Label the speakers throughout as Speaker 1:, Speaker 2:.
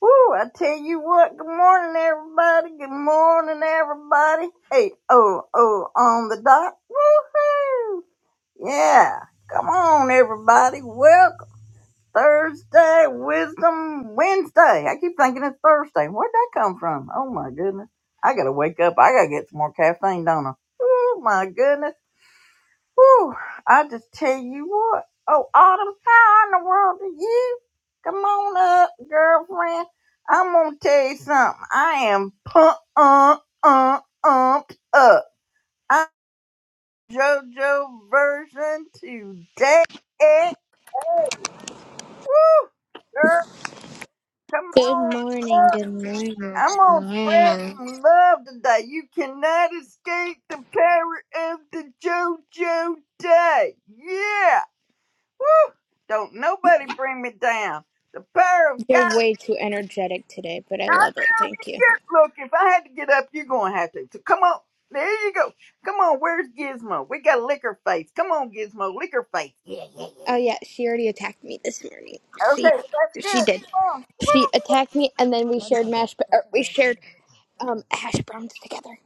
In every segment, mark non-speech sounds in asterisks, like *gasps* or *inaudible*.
Speaker 1: Woo, I tell you what, good morning everybody, good morning everybody. Eight oh oh on the dot. Woohoo! Yeah, come on everybody, welcome. Thursday, Wisdom Wednesday. I keep thinking it's Thursday. Where'd that come from? Oh my goodness. I gotta wake up. I gotta get some more caffeine, don't I? Oh my goodness. Whew, I just tell you what. Oh, Autumn, how in the world are you? Come on up, girlfriend. I'm gonna tell you something. I am pumped, uh, uh, umped up. I'm JoJo version today. Woo, girl, come
Speaker 2: Good
Speaker 1: on
Speaker 2: morning,
Speaker 1: up.
Speaker 2: good morning,
Speaker 1: I'm
Speaker 2: good
Speaker 1: gonna spread
Speaker 2: morning.
Speaker 1: some love today. You cannot escape the power of the JoJo day. Yeah. Woo! Don't nobody bring me down. The power of
Speaker 2: You're
Speaker 1: God.
Speaker 2: way too energetic today, but I
Speaker 1: I
Speaker 2: love it.
Speaker 1: know
Speaker 2: Thank
Speaker 1: we
Speaker 2: you.
Speaker 1: good. Look, if I had to get up, you're going to have to. So come on. There you go. Come on. Where's Gizmo? We got liquor face. Come on, Gizmo. Liquor face. Yeah.
Speaker 2: Oh yeah, she already attacked me this morning.
Speaker 1: Okay,
Speaker 2: She
Speaker 1: well, that's
Speaker 2: she
Speaker 1: good.
Speaker 2: did.
Speaker 1: Come
Speaker 2: She
Speaker 1: on.
Speaker 2: attacked me and then we shared mash or we shared um hash browns together.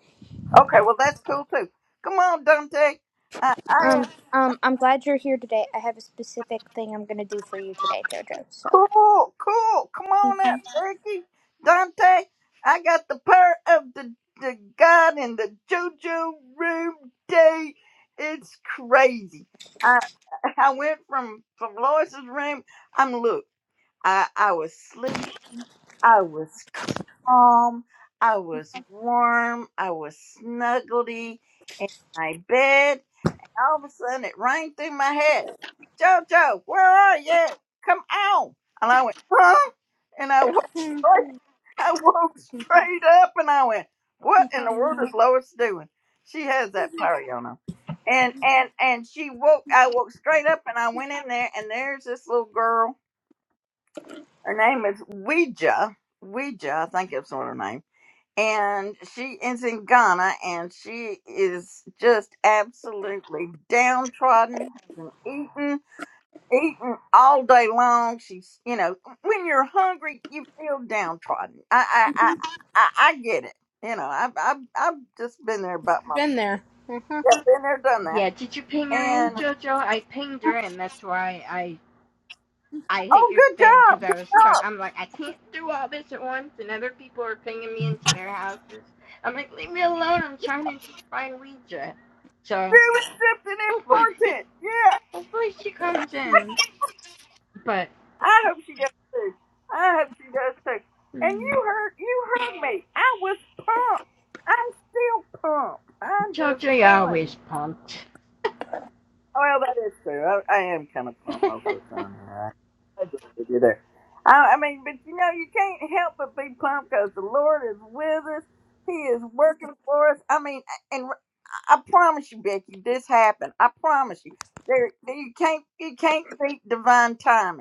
Speaker 1: Okay, well, that's cool, too. Come on, Dante. I, I
Speaker 2: Um um I'm glad you're here today. I have a specific thing I'm going to do for you today, Jojo. So,
Speaker 1: Cool, cool. Come on out,
Speaker 2: Mhm.
Speaker 1: Ricky. Dante, I got the power of the, the God in the JoJo room day. It's crazy. I I went from from Lois's room. I'm look. I I was asleep. I was calm. I was warm. I was snuggledy in my bed. All of a sudden, it rang through my head. Jojo, where are you? Come on. And I went, huh? And I woke, I woke straight up and I went, what in the world is Lois doing? She has that power, y'all know. And, and, and she woke, I woke straight up and I went in there and there's this little girl. Her name is Ouija. Ouija, I think that's what her name and she is in Ghana, and she is just absolutely downtrodden, hasn't eaten, eaten all day long. She's, you know, when you're hungry, you feel downtrodden. I, I, I, I, I get it. You know, I've, I've, I've just been there about my,
Speaker 2: been there. Uh-huh.
Speaker 1: yeah, been there, done that.
Speaker 3: Yeah, did you ping her in,
Speaker 1: And
Speaker 3: Jojo? I pinged her in. That's why I I hit
Speaker 1: oh,
Speaker 3: your
Speaker 1: good
Speaker 3: thing because
Speaker 1: job,
Speaker 3: I
Speaker 1: good
Speaker 3: was trying.
Speaker 1: job.
Speaker 3: I'm like, I can't do all this at once, and other people are pinging me into their houses. I'm like, leave me alone. I'm trying to just find Ouija. So
Speaker 1: Really something
Speaker 3: hopefully, *laughs*
Speaker 1: important. yeah.
Speaker 3: hopefully she comes in. But
Speaker 1: I hope she does too. I hope she does too. And you heard you heard me. I was pumped. I'm still pumped. I'm just
Speaker 3: Jojo, you're
Speaker 1: telling you.
Speaker 3: always pumped.
Speaker 1: Well, that is true. I, I am kind of
Speaker 3: *laughs*
Speaker 1: pumped most of the time. I, I agree with you there. I, I mean, but you know, you can't help but be pumped because the Lord is with us. He is working for us. I mean, and I promise you, Becky, this happened. I promise you. There, you can't, you can't beat divine timing.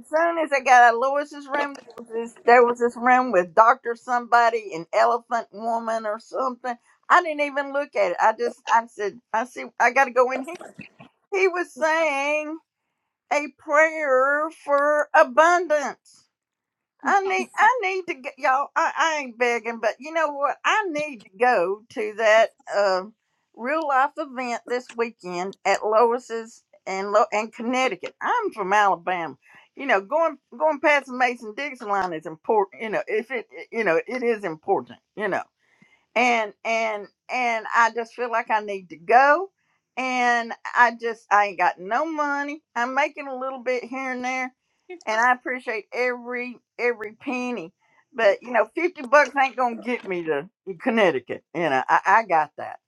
Speaker 1: As soon as I got out of Lewis's room, there was this there was this room with Doctor Somebody and Elephant Woman or something. I didn't even look at it. I just I said I see I got to go in here. He was saying a prayer for abundance. I need I need to get y'all. I, I ain't begging, but you know what? I need to go to that um real life event this weekend at Lois's and Lo- and Connecticut. I'm from Alabama. You know, going going past the Mason Dixon line is important. You know, if it you know it is important. You know, and and and I just feel like I need to go. And I just I ain't got no money. I'm making a little bit here and there and I appreciate every every penny. But you know, fifty bucks ain't gonna get me to Connecticut. You know, I, I got that.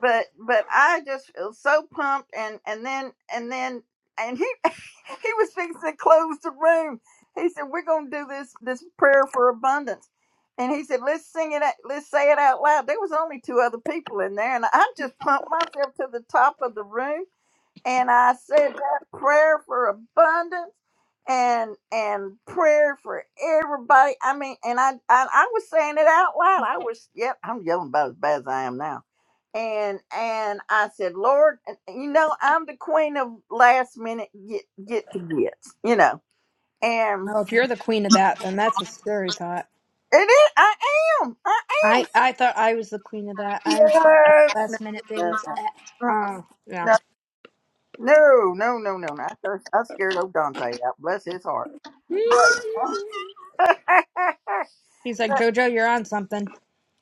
Speaker 1: But but I just feel so pumped, and and then and then and he *laughs* he was fixing to close the room. He said, "We're gonna do this this prayer for abundance." And he said, "Let's sing it. Out, let's say it out loud." There was only two other people in there, and I just pumped myself to the top of the room and I said that prayer for abundance and and prayer for everybody. I mean, and I I, I was saying it out loud. I was yep, I'm yelling about as bad as I am now. And and I said, Lord, and- and you know, I'm the queen of last minute get get to get, you know. And
Speaker 2: Oh, if you're the queen of that, then that's a scary thought.
Speaker 1: it is, I am. I
Speaker 2: I I thought I was the queen of that. I'm so bad
Speaker 1: am.
Speaker 2: at last minute things. Uh, oh, yeah.
Speaker 1: No, no, no, no, no, no, no. no. I, I scared old Dante out. Bless his heart.
Speaker 2: *laughs*
Speaker 1: *laughs*
Speaker 2: He's like, Jojo, you're on something.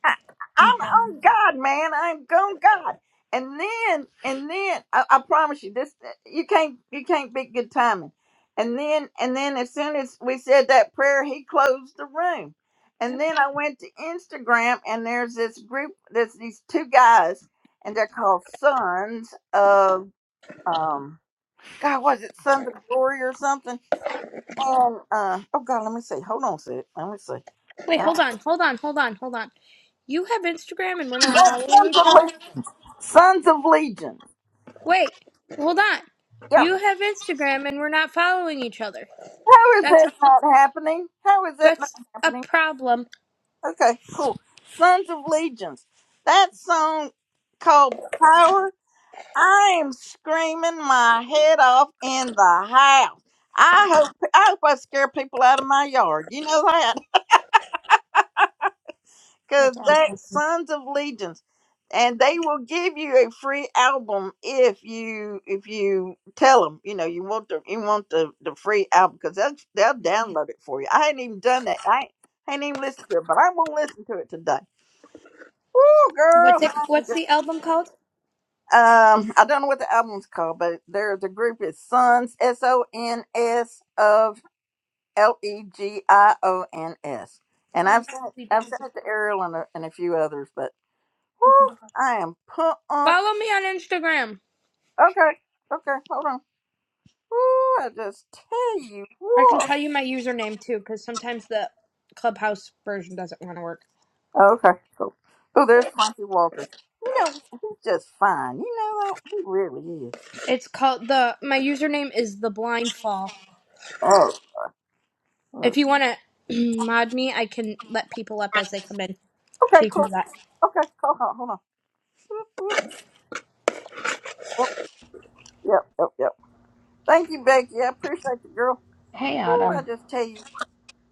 Speaker 1: I, I'm on God, man. I'm on God. And then, and then, I, I promise you, this you can't you can't beat good timing. And then, and then, as soon as we said that prayer, he closed the room. And then I went to Instagram, and there's this group. There's these two guys, and they're called Sons of um. God, was it Sons of Glory or something? And uh, oh God, let me see. Hold on, a sec. Let me see.
Speaker 2: Wait, hold
Speaker 1: Uh,
Speaker 2: on, hold on. You have Instagram and we're not following
Speaker 1: Sons of,
Speaker 2: each
Speaker 1: Le-
Speaker 2: other?
Speaker 1: Sons of Legion
Speaker 2: Wait, hold on.
Speaker 1: Yeah.
Speaker 2: You have Instagram and we're not following each other.
Speaker 1: How is
Speaker 2: That's a
Speaker 1: that not happening? How is that not
Speaker 2: that's a
Speaker 1: happening?
Speaker 2: problem.
Speaker 1: Okay, cool. Sons of Legions. That song called Power. I am screaming my head off in the house. I hope I hope I scare people out of my yard. You know that. because
Speaker 2: That's all.
Speaker 1: that Sons of Legions, and they will give you a free album if you if you tell them you know you want the you want the the free album because they'll they'll download it for you. I ain't even done that. I ain't, I ain't even listened to it, but I'm gonna listen to it today. Woo, girl!
Speaker 2: What's it what's the album called?
Speaker 1: Um, I don't know what the album's called, but there's a group. It's Sons S O N S of L E G I O N S, and I've sent I've sent it to Ariel and a, and a few others, but. Woo, I am pumped.
Speaker 2: Follow me on Instagram.
Speaker 1: Okay, okay, hold on. Woo, I just tell you
Speaker 2: I can
Speaker 1: what.
Speaker 2: tell you my username too, because sometimes the clubhouse version doesn't want to work.
Speaker 1: Okay, cool. Oh, there's Frankie Walters. You know, he's just fine. You know that? He really is.
Speaker 2: It's called the my username is the blind fall.
Speaker 1: Oh,
Speaker 2: If
Speaker 1: let's-
Speaker 2: you wanna *clears throat* mod me, I can let people up as they come in.
Speaker 1: okay,
Speaker 2: So you can do
Speaker 1: cool.
Speaker 2: that.
Speaker 1: Okay, cool. Hold on. Hold on. Whoop, whoop. Yep, yep, yep, yep. Thank you, Becky. I appreciate the girl.
Speaker 3: hey,
Speaker 1: Woo, I
Speaker 3: Autumn.
Speaker 1: just tell you.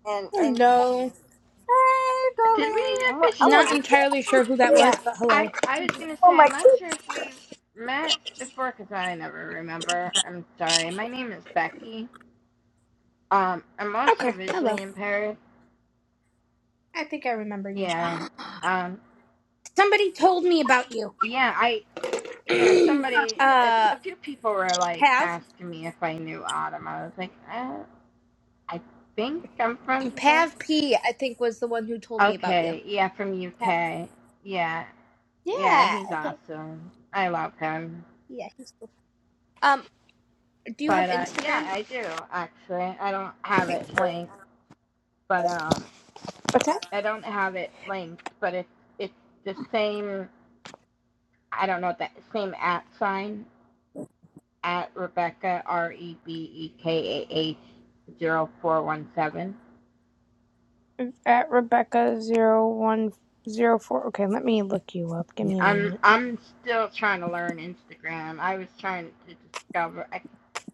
Speaker 1: And, and,
Speaker 2: Hello.
Speaker 1: hey,
Speaker 3: Did we
Speaker 1: darling. I'm, gonna- I'm
Speaker 3: officially?
Speaker 2: Not
Speaker 1: to, I'm
Speaker 2: entirely sure who that was,
Speaker 3: Yeah,
Speaker 2: but hello.
Speaker 3: I I was gonna say
Speaker 1: going to
Speaker 3: I'm
Speaker 1: make
Speaker 3: not
Speaker 1: this.
Speaker 3: sure if we've met before because I never remember. I'm sorry. My name is Becky. Um, I'm also
Speaker 2: Okay, hello.
Speaker 3: visually impaired.
Speaker 2: I think I remember you.
Speaker 3: Yeah.
Speaker 2: *gasps*
Speaker 3: Um.
Speaker 2: Somebody told me about you.
Speaker 3: Yeah. I. Yeah.
Speaker 2: *clears throat*
Speaker 3: Somebody. A,
Speaker 2: uh,
Speaker 3: a few people were like
Speaker 2: Pav?
Speaker 3: asking me if I knew Autumn. I was like, uh, I think I'm friends with her.
Speaker 2: Pav P, I think, was the one who told me about you.
Speaker 3: Okay. Yeah. From
Speaker 2: Pav.
Speaker 3: UK. Yeah. Yeah.
Speaker 2: Yeah,
Speaker 3: He's
Speaker 2: okay.
Speaker 3: awesome. I love him.
Speaker 2: Yeah. Um, do you have
Speaker 3: But uh, yeah,
Speaker 2: Instagram?
Speaker 3: I do actually. I don't have it linked but um, I don't have it linked, but it's it's the same. I don't know that same at sign at Rebecca R E B E K A H zero four one seven. I'm I'm still trying to learn Instagram. I was trying to discover. I,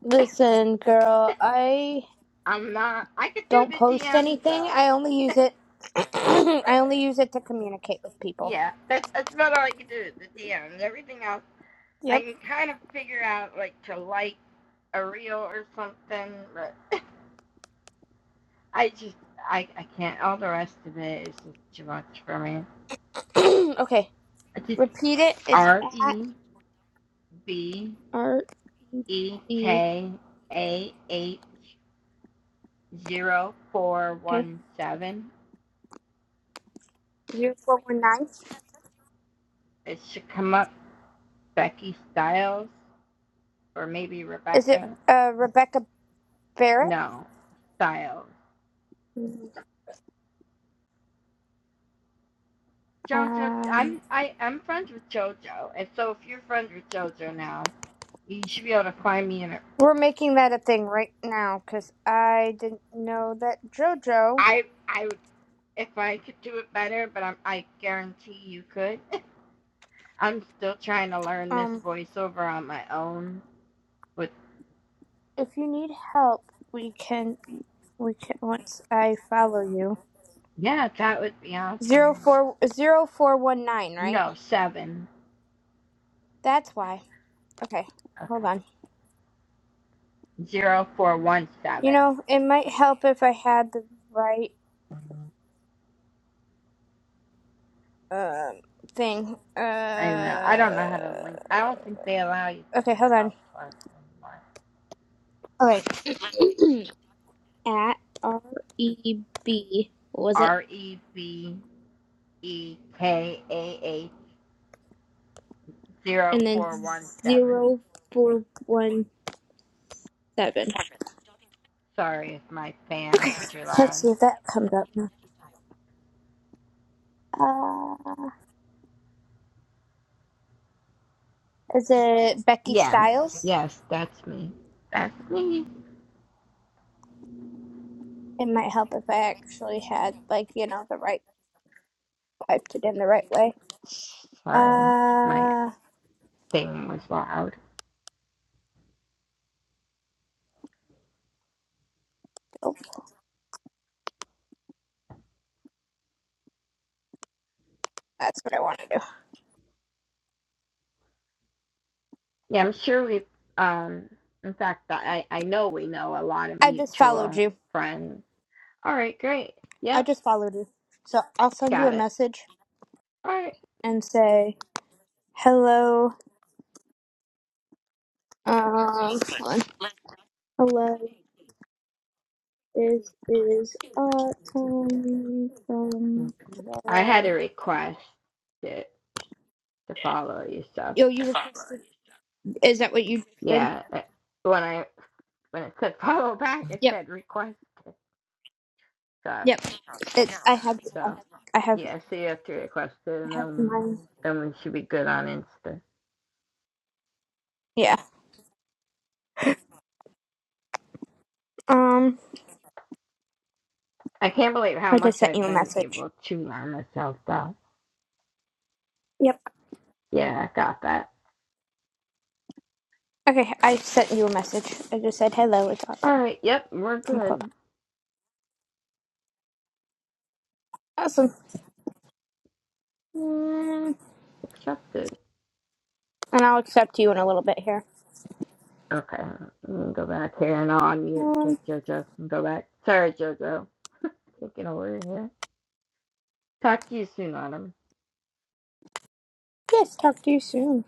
Speaker 2: Listen, girl, I
Speaker 3: I'm not. I could do
Speaker 2: don't
Speaker 3: the
Speaker 2: post
Speaker 3: DMs
Speaker 2: anything.
Speaker 3: though.
Speaker 2: I only use it *clears throat*
Speaker 3: That's,
Speaker 2: I only use it to communicate with people.
Speaker 3: yeah, that's that's about all I could do. The DMs. Everything else, I
Speaker 2: Yep.
Speaker 3: can kind of figure out like to like a reel or something, but I just I I can't. All the rest of it is just too much for me.
Speaker 2: *clears throat* okay.
Speaker 3: I just
Speaker 2: Repeat it. It's
Speaker 3: R
Speaker 2: at
Speaker 3: E B
Speaker 2: R E
Speaker 3: E
Speaker 2: D.
Speaker 3: K A H zero four
Speaker 2: Okay.
Speaker 3: one seven.
Speaker 2: Zero four one nine.
Speaker 3: It should come up Becky Styles or maybe
Speaker 2: Is it
Speaker 3: Rebecca.
Speaker 2: uh, Rebecca Barrett?
Speaker 3: No, Styles.
Speaker 2: Mhm.
Speaker 3: JoJo,
Speaker 2: Um,
Speaker 3: I'm I I'm friends with JoJo, and so if you're friends with JoJo now, you should be able to find me in a.
Speaker 2: we're making that a thing right now because I didn't know that JoJo.
Speaker 3: I I would if I could do it better, but I'm, I guarantee you could. I'm still trying to learn this
Speaker 2: Um,
Speaker 3: voiceover on my own. But
Speaker 2: if you need help, we can. We can once I follow you.
Speaker 3: yeah, that would be
Speaker 2: Zero
Speaker 3: awesome.
Speaker 2: four zero four one nine, right?
Speaker 3: No, seven.
Speaker 2: That's why. Okay, hold
Speaker 3: Okay.
Speaker 2: on.
Speaker 3: Zero four one
Speaker 2: You
Speaker 3: seven.
Speaker 2: know, it might help if I had the right um thing.
Speaker 3: I know. I don't
Speaker 2: Uh,
Speaker 3: know how to link. I don't think they allow you
Speaker 2: okay,
Speaker 3: to
Speaker 2: hold on.
Speaker 3: without plus anymore.
Speaker 2: All right. *clears throat* at R E B what was it?
Speaker 3: R E B E K A H zero
Speaker 2: And then
Speaker 3: four one seven.
Speaker 2: zero four one seven.
Speaker 3: Sorry if my fan is too loud.
Speaker 2: Let's see if that comes up now. Uh, is it Becky
Speaker 3: Yes,
Speaker 2: Styles?
Speaker 3: yes, that's me. That's me.
Speaker 2: It might help if I actually had like, you know, the right typed it in the right way.
Speaker 3: Sorry, my
Speaker 2: Uh
Speaker 3: thing was loud.
Speaker 2: oh, that's what I want to do.
Speaker 3: Yeah, I'm sure we've, um, in fact, I, I know we know a lot of
Speaker 2: I just followed
Speaker 3: mutual
Speaker 2: you.
Speaker 3: friends. All right, great.
Speaker 2: I
Speaker 3: Yep,
Speaker 2: just followed you. So I'll send you
Speaker 3: got
Speaker 2: a
Speaker 3: it.
Speaker 2: message
Speaker 3: All right.
Speaker 2: and say hello. Um hold on. Hello. This is autumn from
Speaker 3: Okay. I had
Speaker 2: Club.
Speaker 3: a request to, to follow you, so
Speaker 2: Yo, you requested. Is that what you said?
Speaker 3: yeah. uh, When I when it said *laughs* follow back, it
Speaker 2: Yep,
Speaker 3: said requested. So
Speaker 2: yep. It's. I have. I
Speaker 3: so
Speaker 2: have. I have.
Speaker 3: yeah. So you have to request it,
Speaker 2: I
Speaker 3: and
Speaker 2: have
Speaker 3: then
Speaker 2: mine.
Speaker 3: then we should be good on Insta.
Speaker 2: Yeah. Um.
Speaker 3: I can't believe how
Speaker 2: I just
Speaker 3: much
Speaker 2: sent you
Speaker 3: I've
Speaker 2: a
Speaker 3: been
Speaker 2: message.
Speaker 3: able to learn myself, though.
Speaker 2: Yep.
Speaker 3: Yeah, I got that.
Speaker 2: Okay. I sent you a message. I just said hello. It's
Speaker 3: All
Speaker 2: autumn
Speaker 3: right, yep, we're
Speaker 2: from Club.
Speaker 3: good.
Speaker 2: Awesome. Mm,
Speaker 3: Accepted.
Speaker 2: and I'll accept you in a little bit here.
Speaker 3: Okay, let me go back here and I'll unmute so
Speaker 2: Um.
Speaker 3: JoJo can go back. Sorry, JoJo, taking over here. Talk to you soon, Autumn.
Speaker 2: Yes. Talk to you soon.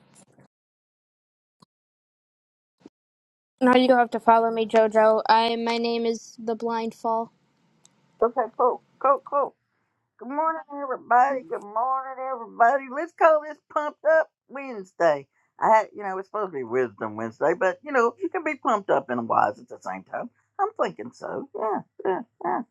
Speaker 2: Now you don't have to follow me, Jojo. I. My name is the Blind Fall.
Speaker 1: Okay, cool, cool, cool. Good morning, everybody. Good morning, everybody. Let's call this Pumped Up Wednesday. I had, you know, it's supposed to be Wisdom Wednesday, but you know, you can be pumped up and wise at the same time. I'm thinking so. Yeah, yeah, yeah.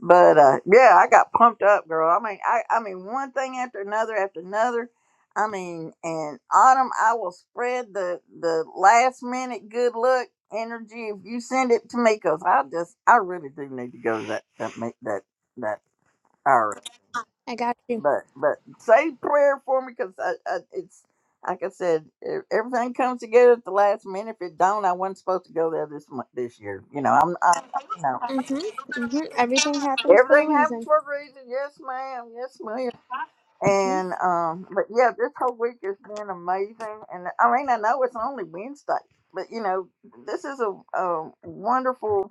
Speaker 1: But uh, yeah, I got pumped up, girl. I mean, I, I mean, one thing after another after another. I mean, in autumn, I will spread the the last minute good luck energy if you send it to me, cause I just, I really do need to go to that that meet that that
Speaker 2: I got you.
Speaker 1: but but say prayer for me because I, I, it's like I said, e- everything comes together at the last minute. If it don't, I wasn't supposed to go there this month, this year. You know, I'm, I, you know,
Speaker 2: Mhm. Mhm. Everything happens for a
Speaker 1: everything happens
Speaker 2: reason.
Speaker 1: for a reason. Yes, ma'am. Yes, ma'am.
Speaker 2: hmm
Speaker 1: And um, but yeah, this whole week has been amazing. And I mean, I know it's only Wednesday, but you know, this is a, a wonderful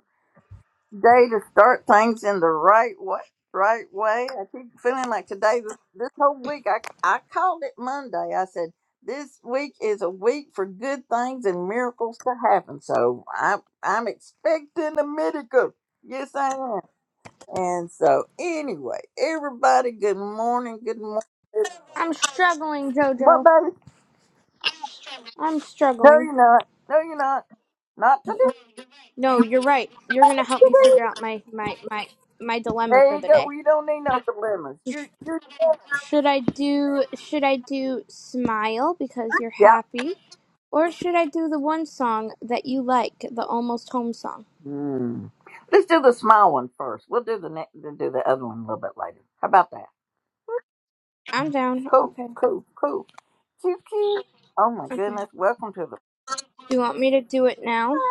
Speaker 1: day to start things in the right way. Right way. I keep feeling like today, this, this whole week, I I called it Monday. I said this week is a week for good things and miracles to happen. So I'm I'm expecting a miracle. Yes, I am. And so anyway, everybody, good morning. Good morning.
Speaker 2: I'm struggling,
Speaker 1: What,
Speaker 2: Jojo.
Speaker 1: baby?
Speaker 2: I'm
Speaker 1: No,
Speaker 2: struggling.
Speaker 1: you're not. No, you're not. Not today.
Speaker 2: No, you're right. You're gonna
Speaker 1: Not
Speaker 2: help me
Speaker 1: today.
Speaker 2: figure out my my my my dilemma for
Speaker 1: There you
Speaker 2: the
Speaker 1: go.
Speaker 2: day.
Speaker 1: We don't need no dilemmas. You're you're
Speaker 2: Should I do Should I do smile because you're
Speaker 1: Yep.
Speaker 2: happy, or should I do the one song that you like, the almost home song?
Speaker 1: Mm. Let's do the small one first. We'll do the next, then do the other one a little bit later. How about that?
Speaker 2: I'm down.
Speaker 1: Cool,
Speaker 2: Okay.
Speaker 1: cool, cool. Cute, cute. Oh my
Speaker 2: Okay.
Speaker 1: goodness! Welcome to the. *laughs*
Speaker 2: Do you want me to do it now?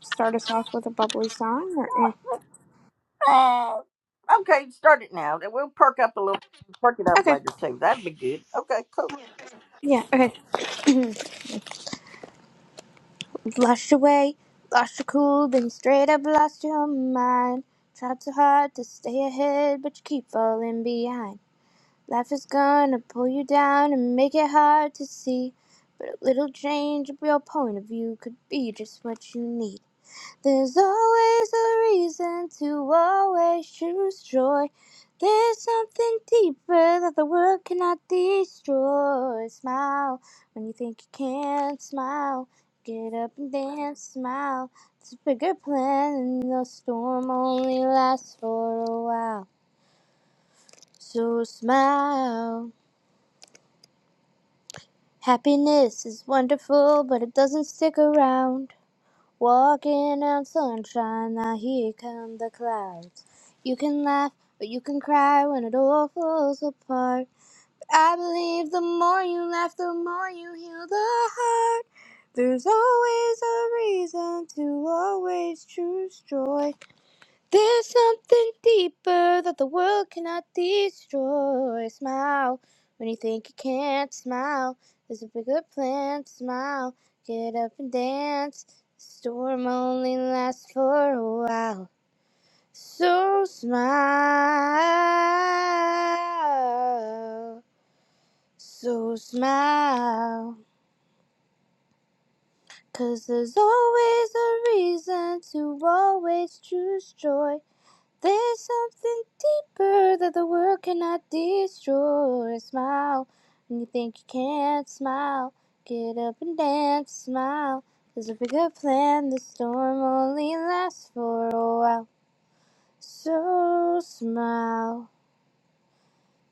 Speaker 2: Start us off with a bubbly song, or eh?
Speaker 1: Ah. okay, start it now. Then We'll perk up a little, perk it up
Speaker 2: Okay.
Speaker 1: later too. That'd be good. Okay, cool.
Speaker 2: Yeah. Okay. Lost your way, lost your cool, then you straight up lost your mind. Tried so hard to stay ahead, but you keep falling behind. Life is gonna pull you down and make it hard to see. But a little change of your point of view could be just what you need. There's always a reason to always choose joy. There's something deeper that the world cannot destroy. Smile when you think you can't smile. Get up and dance, smile. It's a bigger plan, and the storm only lasts for a while. So smile. Happiness is wonderful, but it doesn't stick around. Walking on sunshine, now here come the clouds. You can laugh, but you can cry when it all falls apart. I believe the more you laugh, the more you heal the heart. There's always a reason to always choose joy. There's something deeper that the world cannot destroy. Smile when you think you can't smile. There's a bigger plan. Smile, get up and dance. The storm only lasts for a while. So smile. So smile. 'Cause there's always a reason to always choose joy. There's something deeper that the world cannot destroy. Smile when you think you can't smile. Get up and dance, smile. There's a bigger plan, the storm only lasts for a while. So smile,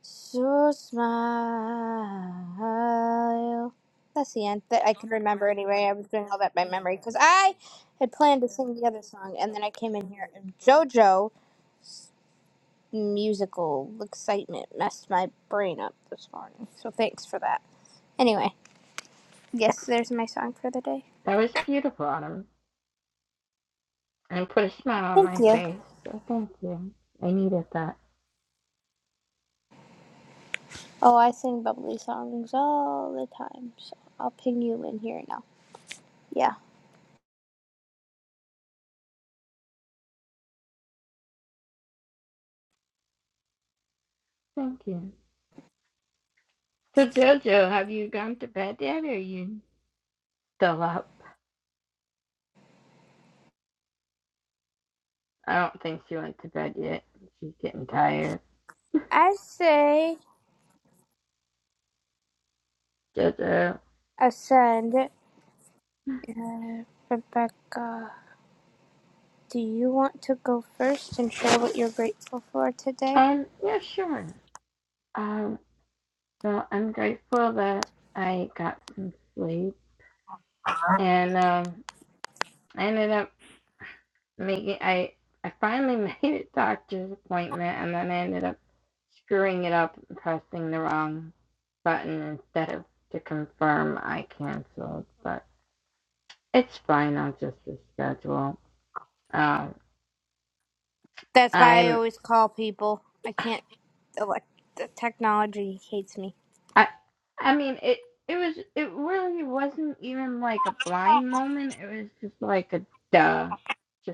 Speaker 2: so smile. That's the end that I can remember anyway. I was doing all that by memory because I had planned to sing the other song and then I came in here and JoJo. musical excitement messed my brain up this morning. So thanks for that. Anyway, yes, there's my song for the day.
Speaker 3: That was beautiful, Autumn, and put a smile on
Speaker 2: Thank
Speaker 3: my
Speaker 2: you.
Speaker 3: face. So thank you. I needed that.
Speaker 2: Oh, I sing bubbly songs all the time, so I'll ping you in here now. Yeah.
Speaker 3: Thank you. So JoJo, have you gone to bed yet, or are you still up? I don't think she went to bed yet. She's getting tired.
Speaker 2: I say,
Speaker 3: JoJo.
Speaker 2: Ascend, Rebecca, do you want to go first and share what you're grateful for today?
Speaker 3: Um, yeah, sure. Um, So I'm grateful that I got some sleep and um, I ended up making I I finally *laughs* made it doctor's appointment and then I ended up screwing it up and pressing the wrong button instead of to confirm I canceled. But it's fine. I'll just reschedule. Um,
Speaker 2: That's why I
Speaker 3: I'm
Speaker 2: always call people. I can't, elect, the technology hates me.
Speaker 3: I I mean it. It was, it really wasn't even like a blind moment. It was just like a duh. Just.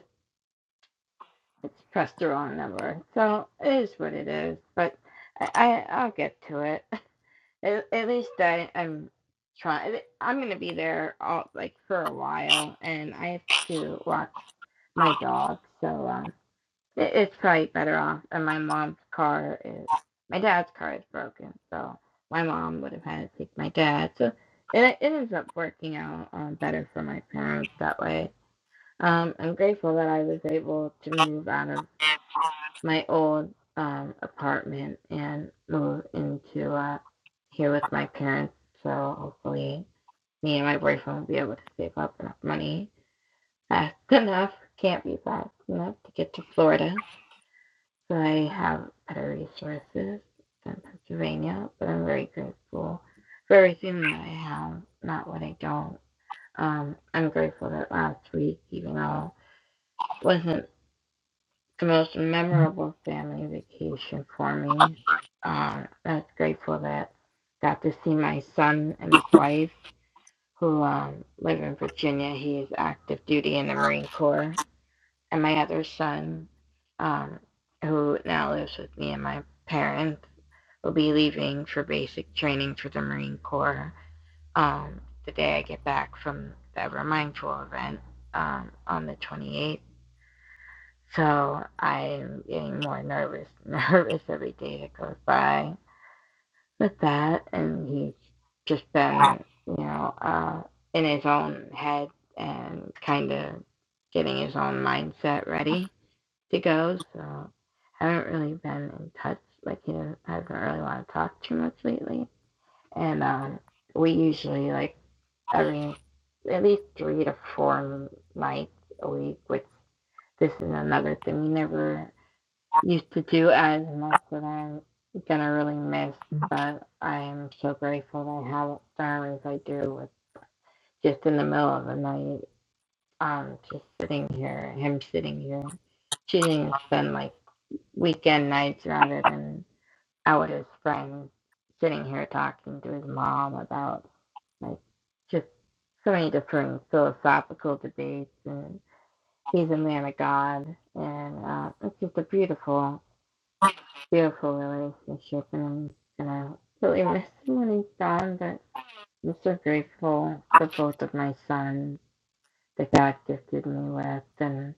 Speaker 3: it's pressed the wrong number. So it is what it is. But I, I I'll get to it. *laughs* At, at least I I'm trying. I'm gonna be there all like for a while, and I have to watch my dog. So um, it, it's probably better off. And my mom's car is my dad's car is broken, so my mom would have had to take my dad. So it it ends up working out um, better for my parents that way. Um, I'm grateful that I was able to move out of my old um, apartment and move into uh, here with my parents. So hopefully, me and my boyfriend will be able to save up enough money fast *laughs* enough. Can't be fast enough to get to Florida. So I have better resources than Pennsylvania, but I'm very grateful for everything that I have, not what I don't. Um, I'm grateful that last week, even though it wasn't the most memorable family vacation for me. Um, I was grateful that I got to see my son and his wife, who um, live in Virginia. He is active duty in the Marine Corps, and my other son, um, who now lives with me and my parents, will be leaving for basic training for the Marine Corps um, the day I get back from the Ever Mindful event um, on the 28th. So I'm getting more nervous, *laughs* nervous every day that goes by with that. And he's just been, you know, uh, in his own head and kind of getting his own mindset ready to go. So I haven't really been in touch. Like he doesn't- hasn't really want to talk too much lately. And um, we usually like every at least three to four nights a week, which this is another thing we never used to do as much that I'm gonna really miss, but I am so grateful that I have farmers I do with just in the middle of the night, um, just sitting here, him sitting here, choosing to spend like weekend nights rather than out with his friends, sitting here talking to his mom about like just so many different philosophical debates and he's a man of God and uh, it's just a beautiful beautiful relationship, and, and I really miss him when he's gone. But I'm so grateful for both of my sons that God gifted me with, and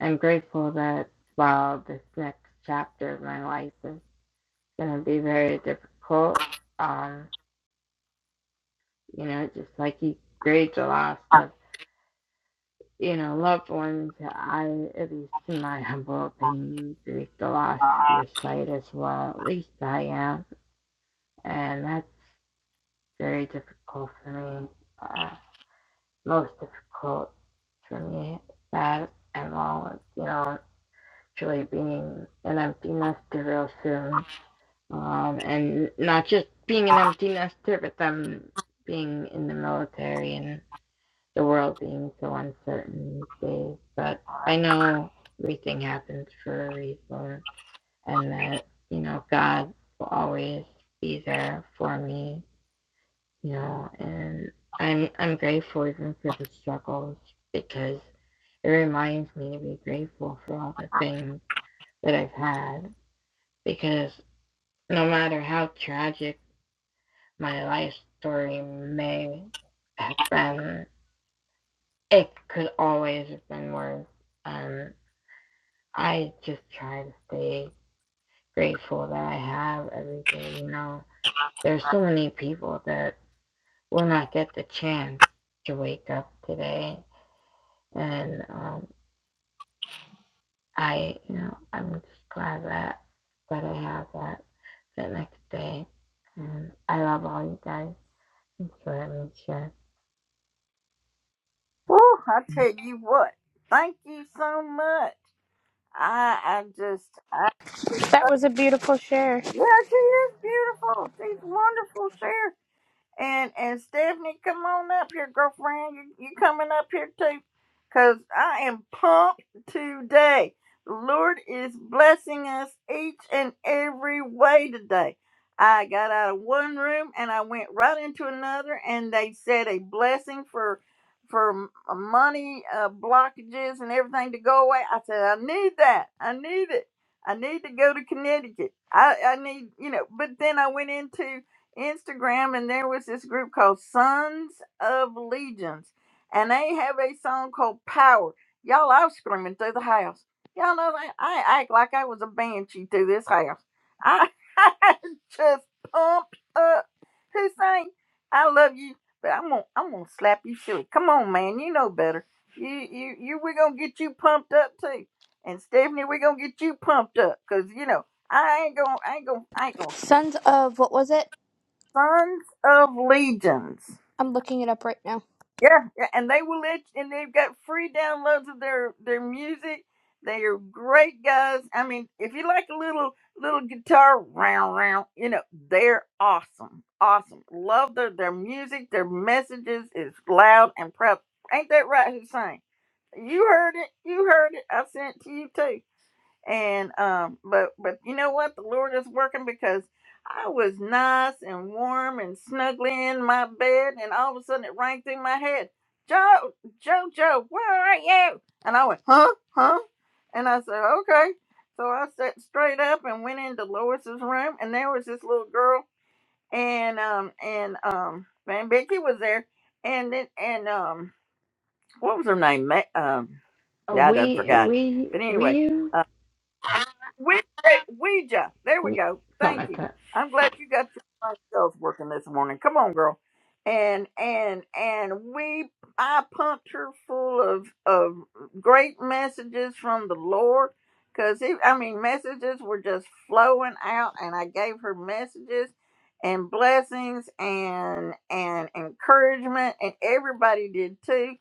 Speaker 3: I'm grateful that while this next chapter of my life is going to be very difficult, um, you know, just like you grieve the loss of, you know, loved ones, I, at least in my *laughs* humble opinion, grieve the loss of your sight as well. At least I am, and that's very difficult for me. Uh, most difficult for me. That and all, you know, actually being an empty nester real soon. Um, and not just being an empty nester, but them being in the military and the world being so uncertain these days. But I know everything happens for a reason and that, you know, God will always be there for me Yeah, and I'm I'm grateful even for the struggles because it reminds me to be grateful for all the things that I've had because no matter how tragic my life story may have been, it could always have been worse. Um, I just try to stay grateful that I have every day. You know, there's so many people that will not get the chance to wake up today and um, I, you know, I'm just glad that that I have that the next day. And I love all you guys. So let me share.
Speaker 1: Woo, I tell you what. Thank you so much. I I just I
Speaker 2: That was a beautiful share.
Speaker 1: yeah, she is beautiful. She's wonderful, Cher. And and Stephanie, come on up here, girlfriend. You you coming up here too? Cause I am pumped today. The Lord is blessing us each and every way today. I got out of one room and I went right into another, and they said a blessing for for m- uh, money uh, blockages and everything to go away. I said I need that. I need it. I need to go to Connecticut. I I need you know. But then I went into Instagram, and there was this group called Sons of Legions, and they have a song called Power. Y'all, I was screaming through the house. Y'all know that I act like I was a banshee through this house. I *laughs* just pumped up. Hussein, I love you, but I'm gonna I'm gonna slap you silly. Come on, man, you know better. You you you we're gonna get you pumped up too. And Stephanie, we're gonna get you pumped up, cause you know I ain't gonna I ain't gonna I ain't gonna
Speaker 2: Sons of, what was it?
Speaker 1: Sons of Legions.
Speaker 2: I'm looking it up right now.
Speaker 1: Yeah, yeah, and they will let you, and they've got free downloads of their their music. They are great guys. I mean, if you like a little little guitar round round, you know they're awesome, awesome. Love their their music. Their messages is loud and proud. Ain't that right, Hussein? You heard it. You heard it. I sent it to you too and um but but you know what the lord is working because i was nice and warm and snuggly in my bed and all of a sudden it rang through my head joe joe joe where are you and i went huh huh and i said okay so i sat straight up and went into lois's room and there was this little girl and um and um Van becky was there and then and um what was her name Ma- um
Speaker 3: Uh,
Speaker 1: i done
Speaker 3: We,
Speaker 1: forgot it
Speaker 3: we,
Speaker 1: but
Speaker 3: we,
Speaker 1: anyway we, *laughs* Ouija. There we
Speaker 3: we,
Speaker 1: go.
Speaker 3: something
Speaker 1: Thank
Speaker 3: like
Speaker 1: you.
Speaker 3: that.
Speaker 1: I'm glad you got your brain cells working this morning. Come on, girl. And and and we I puncture full of of great messages from the Lord. Cause it, I mean, messages were just flowing out, and I gave her messages and blessings and and encouragement, and everybody did too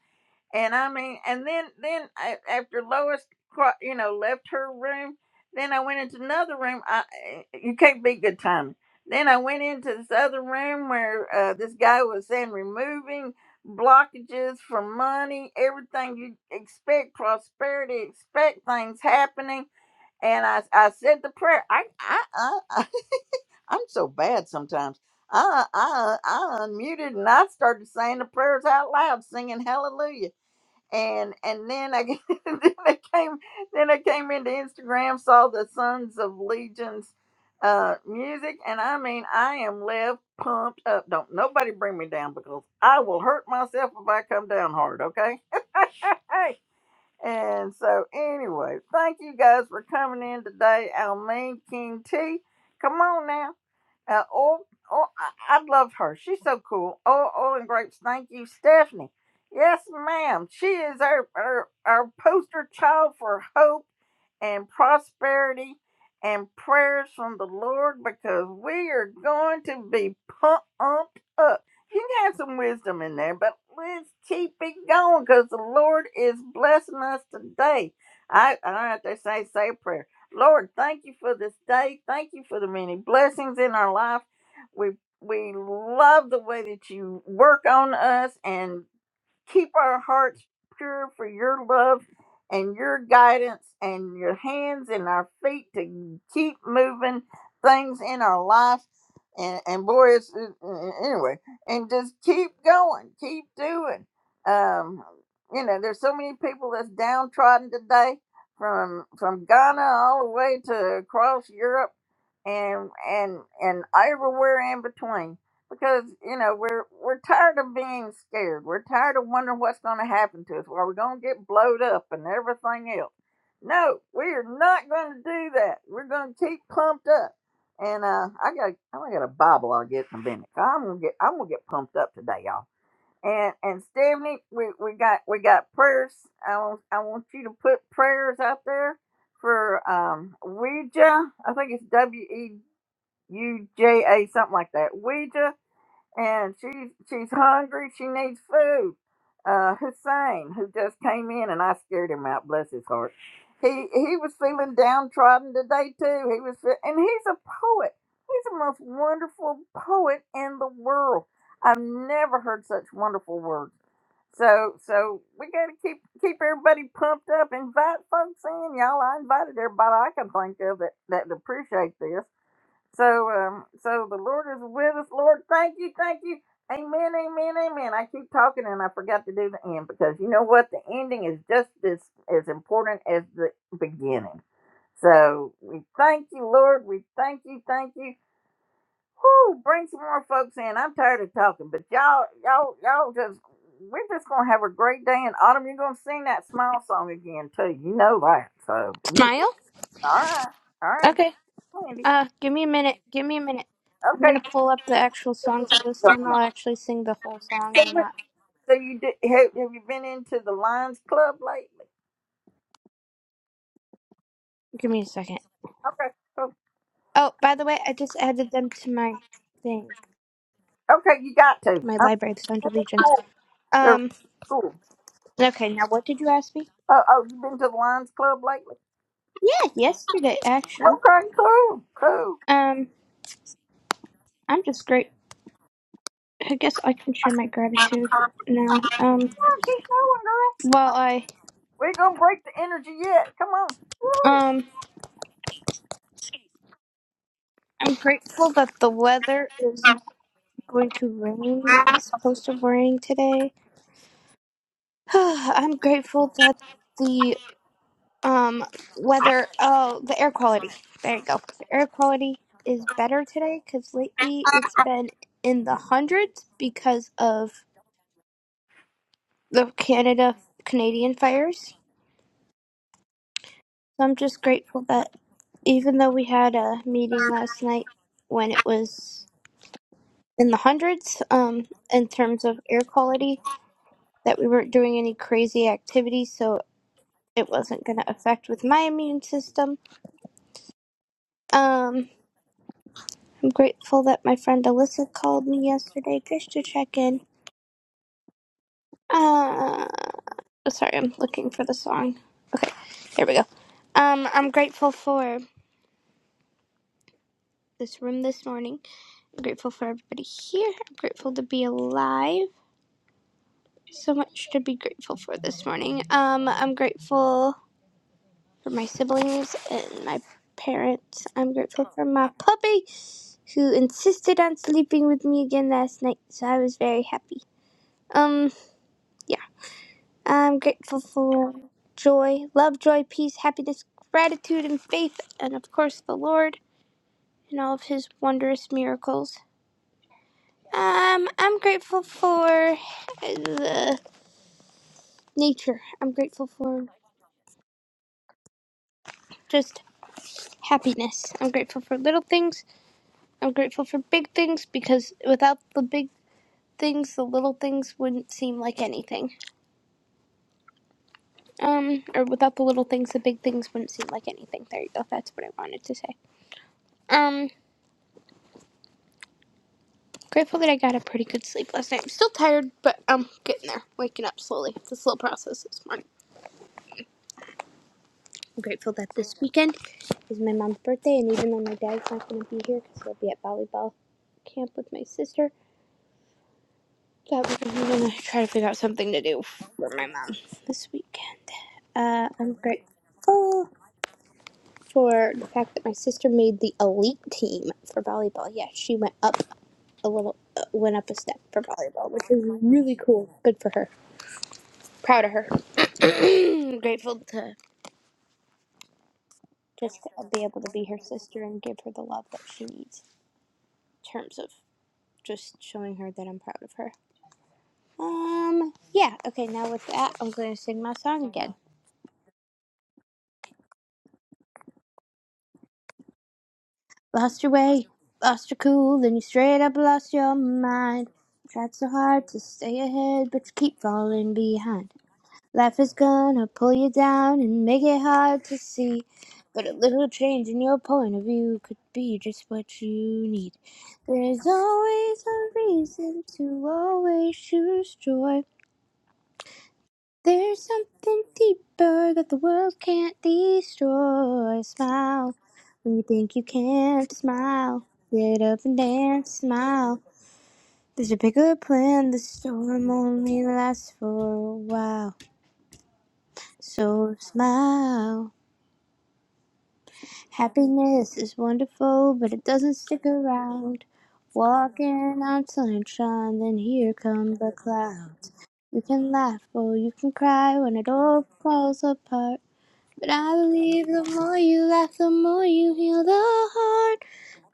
Speaker 1: and I mean, and then then I, after Lois, cro- you know, left her room, then I went into another room. I eh, eh, you can't be good timing. Then I went into this other room where uh, this guy was saying removing blockages for money, everything you expect, prosperity, expect things happening. And I I said the prayer. I I, I *laughs* I'm so bad sometimes. I, I I unmuted and I started saying the prayers out loud, singing hallelujah and and then I *laughs* then I came then I came into Instagram, saw the Sons of Legion's uh music, and I mean I am left pumped up. Don't nobody bring me down because I will hurt myself if I come down hard. Okay. *laughs* And so anyway, thank you guys for coming in today. Almain King T, come on now. Uh, oh, oh, I, I love her. She's so cool. Oh, oh, and grapes. Thank you, Stephanie. Yes, ma'am. She is our, our our poster child for hope and prosperity and prayers from the Lord because we are going to be pumped up. You can have some wisdom in there, but let's keep it going because the Lord is blessing us today. I, I don't know what they say, say a prayer. Lord, thank you for this day. Thank you for the many blessings in our life. We we love the way that you work on us, and Keep our hearts pure for your love and your guidance and your hands and our feet to keep moving things in our life. And, and boy, it's, it, anyway, and just keep going, keep doing. Um, you know, there's so many people that's downtrodden today from from Ghana all the way to across Europe and and and everywhere in between because you know we're we're tired of being scared. We're tired of wondering what's going to happen to us. Are we going to get blowed up and everything else? No, we are not going to do that. We're going to keep pumped up. And uh, I got I got a Bible I'll get in a minute. I'm gonna get I'm gonna get pumped up today, y'all. And and Stephanie, we, we got we got prayers. I want I want you to put prayers out there for um Ouija. I think it's W E U J A something like that. Ouija and she's she's hungry. She needs food. Uh, Hussein, who just came in, and I scared him out. Bless his heart. He he was feeling downtrodden today too. He was, fe- and he's a poet. He's the most wonderful poet in the world. I've never heard such wonderful words. So so we got to keep keep everybody pumped up. Invite folks in, y'all. I invited everybody I can think of that that appreciate this so, um, so the Lord is with us. Lord, thank you, thank you. Amen, amen, amen. I keep talking and I forgot to do the end because you know what? The ending is just as as important as the beginning. So we thank you, Lord. We thank you, thank you. Whoo, bring some more folks in. I'm tired of talking, but y'all, y'all, y'all just we're just gonna have a great day. And Autumn, you're gonna sing that smile song again too. You know that. So
Speaker 2: Smile?
Speaker 1: all right, all right,
Speaker 2: Okay.
Speaker 1: Andy.
Speaker 2: Uh, give me a minute. Give me a minute. I'm gonna
Speaker 1: Okay,
Speaker 2: pull up the actual song, so this time I'll actually sing the whole song and not.
Speaker 1: So you did, have, have you been into the Lions Club lately?
Speaker 2: Give me a second.
Speaker 1: Okay, so-
Speaker 2: Oh, by the way, I just added them to my thing,
Speaker 1: okay, you got to.
Speaker 2: my
Speaker 1: I'm
Speaker 2: library, the Sound Allegiance.
Speaker 1: cool. They're
Speaker 2: Um.
Speaker 1: cool.
Speaker 2: Okay. Now, what did you ask me?
Speaker 1: Oh, oh, you been to the Lions Club lately?
Speaker 2: Yeah, yesterday actually.
Speaker 1: Okay, cool, cool.
Speaker 2: Um, I'm just great. I guess I can share my gratitude now. Um,
Speaker 1: Oh, Keep going, girl.
Speaker 2: while I
Speaker 1: We ain't gonna break the energy yet. Come on.
Speaker 2: um, I'm grateful that the weather is going to rain. It's supposed to rain today. *sighs* I'm grateful that the um weather oh the air quality. There you go. The air quality is better today cuz lately it's been in the hundreds because of the Canada Canadian fires. So I'm just grateful that even though we had a meeting last night when it was in the hundreds um in terms of air quality that we weren't doing any crazy activities so it wasn't going to affect with my immune system. Um, I'm grateful that my friend Alyssa called me yesterday just to check in. Uh, sorry, I'm looking for the song. Okay, here we go. Um, I'm grateful for this room this morning. I'm grateful for everybody here. I'm grateful to be alive. So much to be grateful for this morning. Um, I'm grateful for my siblings and my parents. I'm grateful for my puppy who insisted on sleeping with me again last night, so I was very happy. Um, yeah. I'm grateful for joy, love, joy, peace, happiness, gratitude, and faith, and of course the Lord and all of his wondrous miracles. Um, I'm grateful for the nature. I'm grateful for just happiness. I'm grateful for little things. I'm grateful for big things because without the big things, the little things wouldn't seem like anything. Um, or without the little things, the big things wouldn't seem like anything. There you go. That's what I wanted to say. Um, grateful that I got a pretty good sleep last night. I'm still tired, but I'm getting there. Waking up slowly. It's a slow process this morning. I'm grateful that this weekend is my mom's birthday, and even though my dad's not going to be here because he'll be at volleyball camp with my sister, that we're going to try to figure out something to do for my mom this weekend. Uh, I'm grateful. for the fact that my sister made the elite team for volleyball. Yeah, she went up a little, uh, went up a step for volleyball, which is really cool. Good for her. Proud of her. *clears throat* Grateful to just to be able to be her sister and give her the love that she needs in terms of just showing her that I'm proud of her. Um, yeah, okay, now with that, I'm going to sing my song again. Lost your way, lost your cool, then you straight up lost your mind. Tried so hard to stay ahead, but you keep falling behind. Life is gonna pull you down and make it hard to see. But a little change in your point of view could be just what you need. There's always a reason to always choose joy. There's something deeper that the world can't destroy. Smile when you think you can't smile. Get up and dance, smile. There's a bigger plan, the storm only lasts for a while. So smile. Happiness is wonderful, but it doesn't stick around. Walking on sunshine, then here come the clouds. You can laugh or you can cry when it all falls apart. But I believe the more you laugh, the more you heal the heart.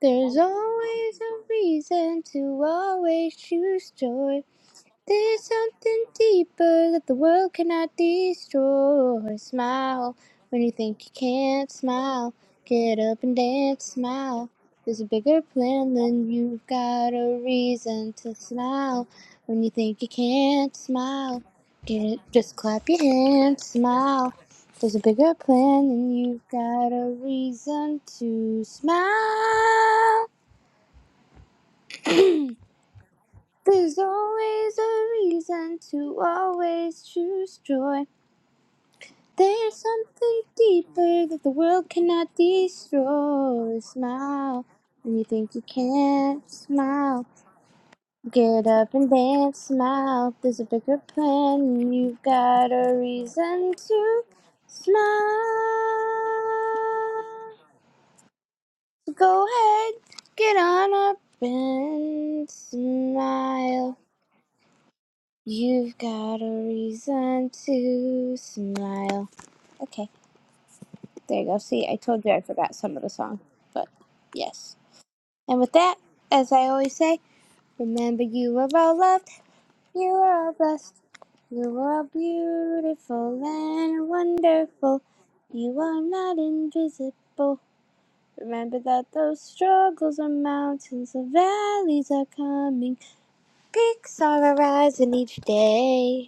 Speaker 2: There's always a reason to always choose joy. There's something deeper that the world cannot destroy. Smile when you think you can't smile. Get up and dance, smile. There's a bigger plan than you've got a reason to smile when you think you can't smile. Get just clap your hands, smile. There's a bigger plan and you've got a reason to smile. There's always a reason to always choose joy. There's something deeper that the world cannot destroy. Smile when you think you can't. Smile. Get up and dance. Smile. There's a bigger plan. You've got a reason to smile. So go ahead. Get on up and smile. You've got a reason to smile. Okay. There you go. See, I told you I forgot some of the song, but yes. And with that, as I always say, remember you were all loved, you were all blessed, you were all beautiful and wonderful. You are not invisible. Remember that those struggles are mountains, the valleys are coming, peaks are arising each day.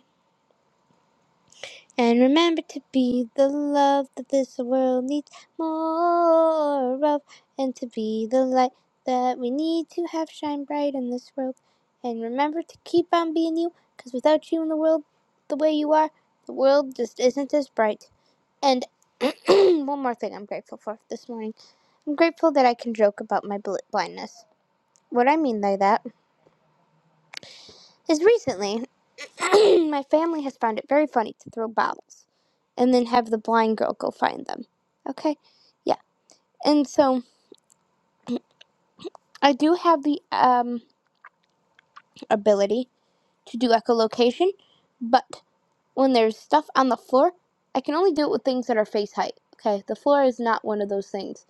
Speaker 2: And remember to be the love that this world needs more of, and to be the light that we need to have shine bright in this world. And remember to keep on being you, because without you in the world the way you are, the world just isn't as bright. And *clears throat* one more thing I'm grateful for this morning I'm grateful that I can joke about my bl- blindness. What I mean by that is recently, *clears throat* my family has found it very funny to throw bottles. and then have the blind girl go find them. Okay? Yeah. And so I do have the um ability to do echolocation, but when there's stuff on the floor, I can only do it with things that are face height. Okay? The floor is not one of those things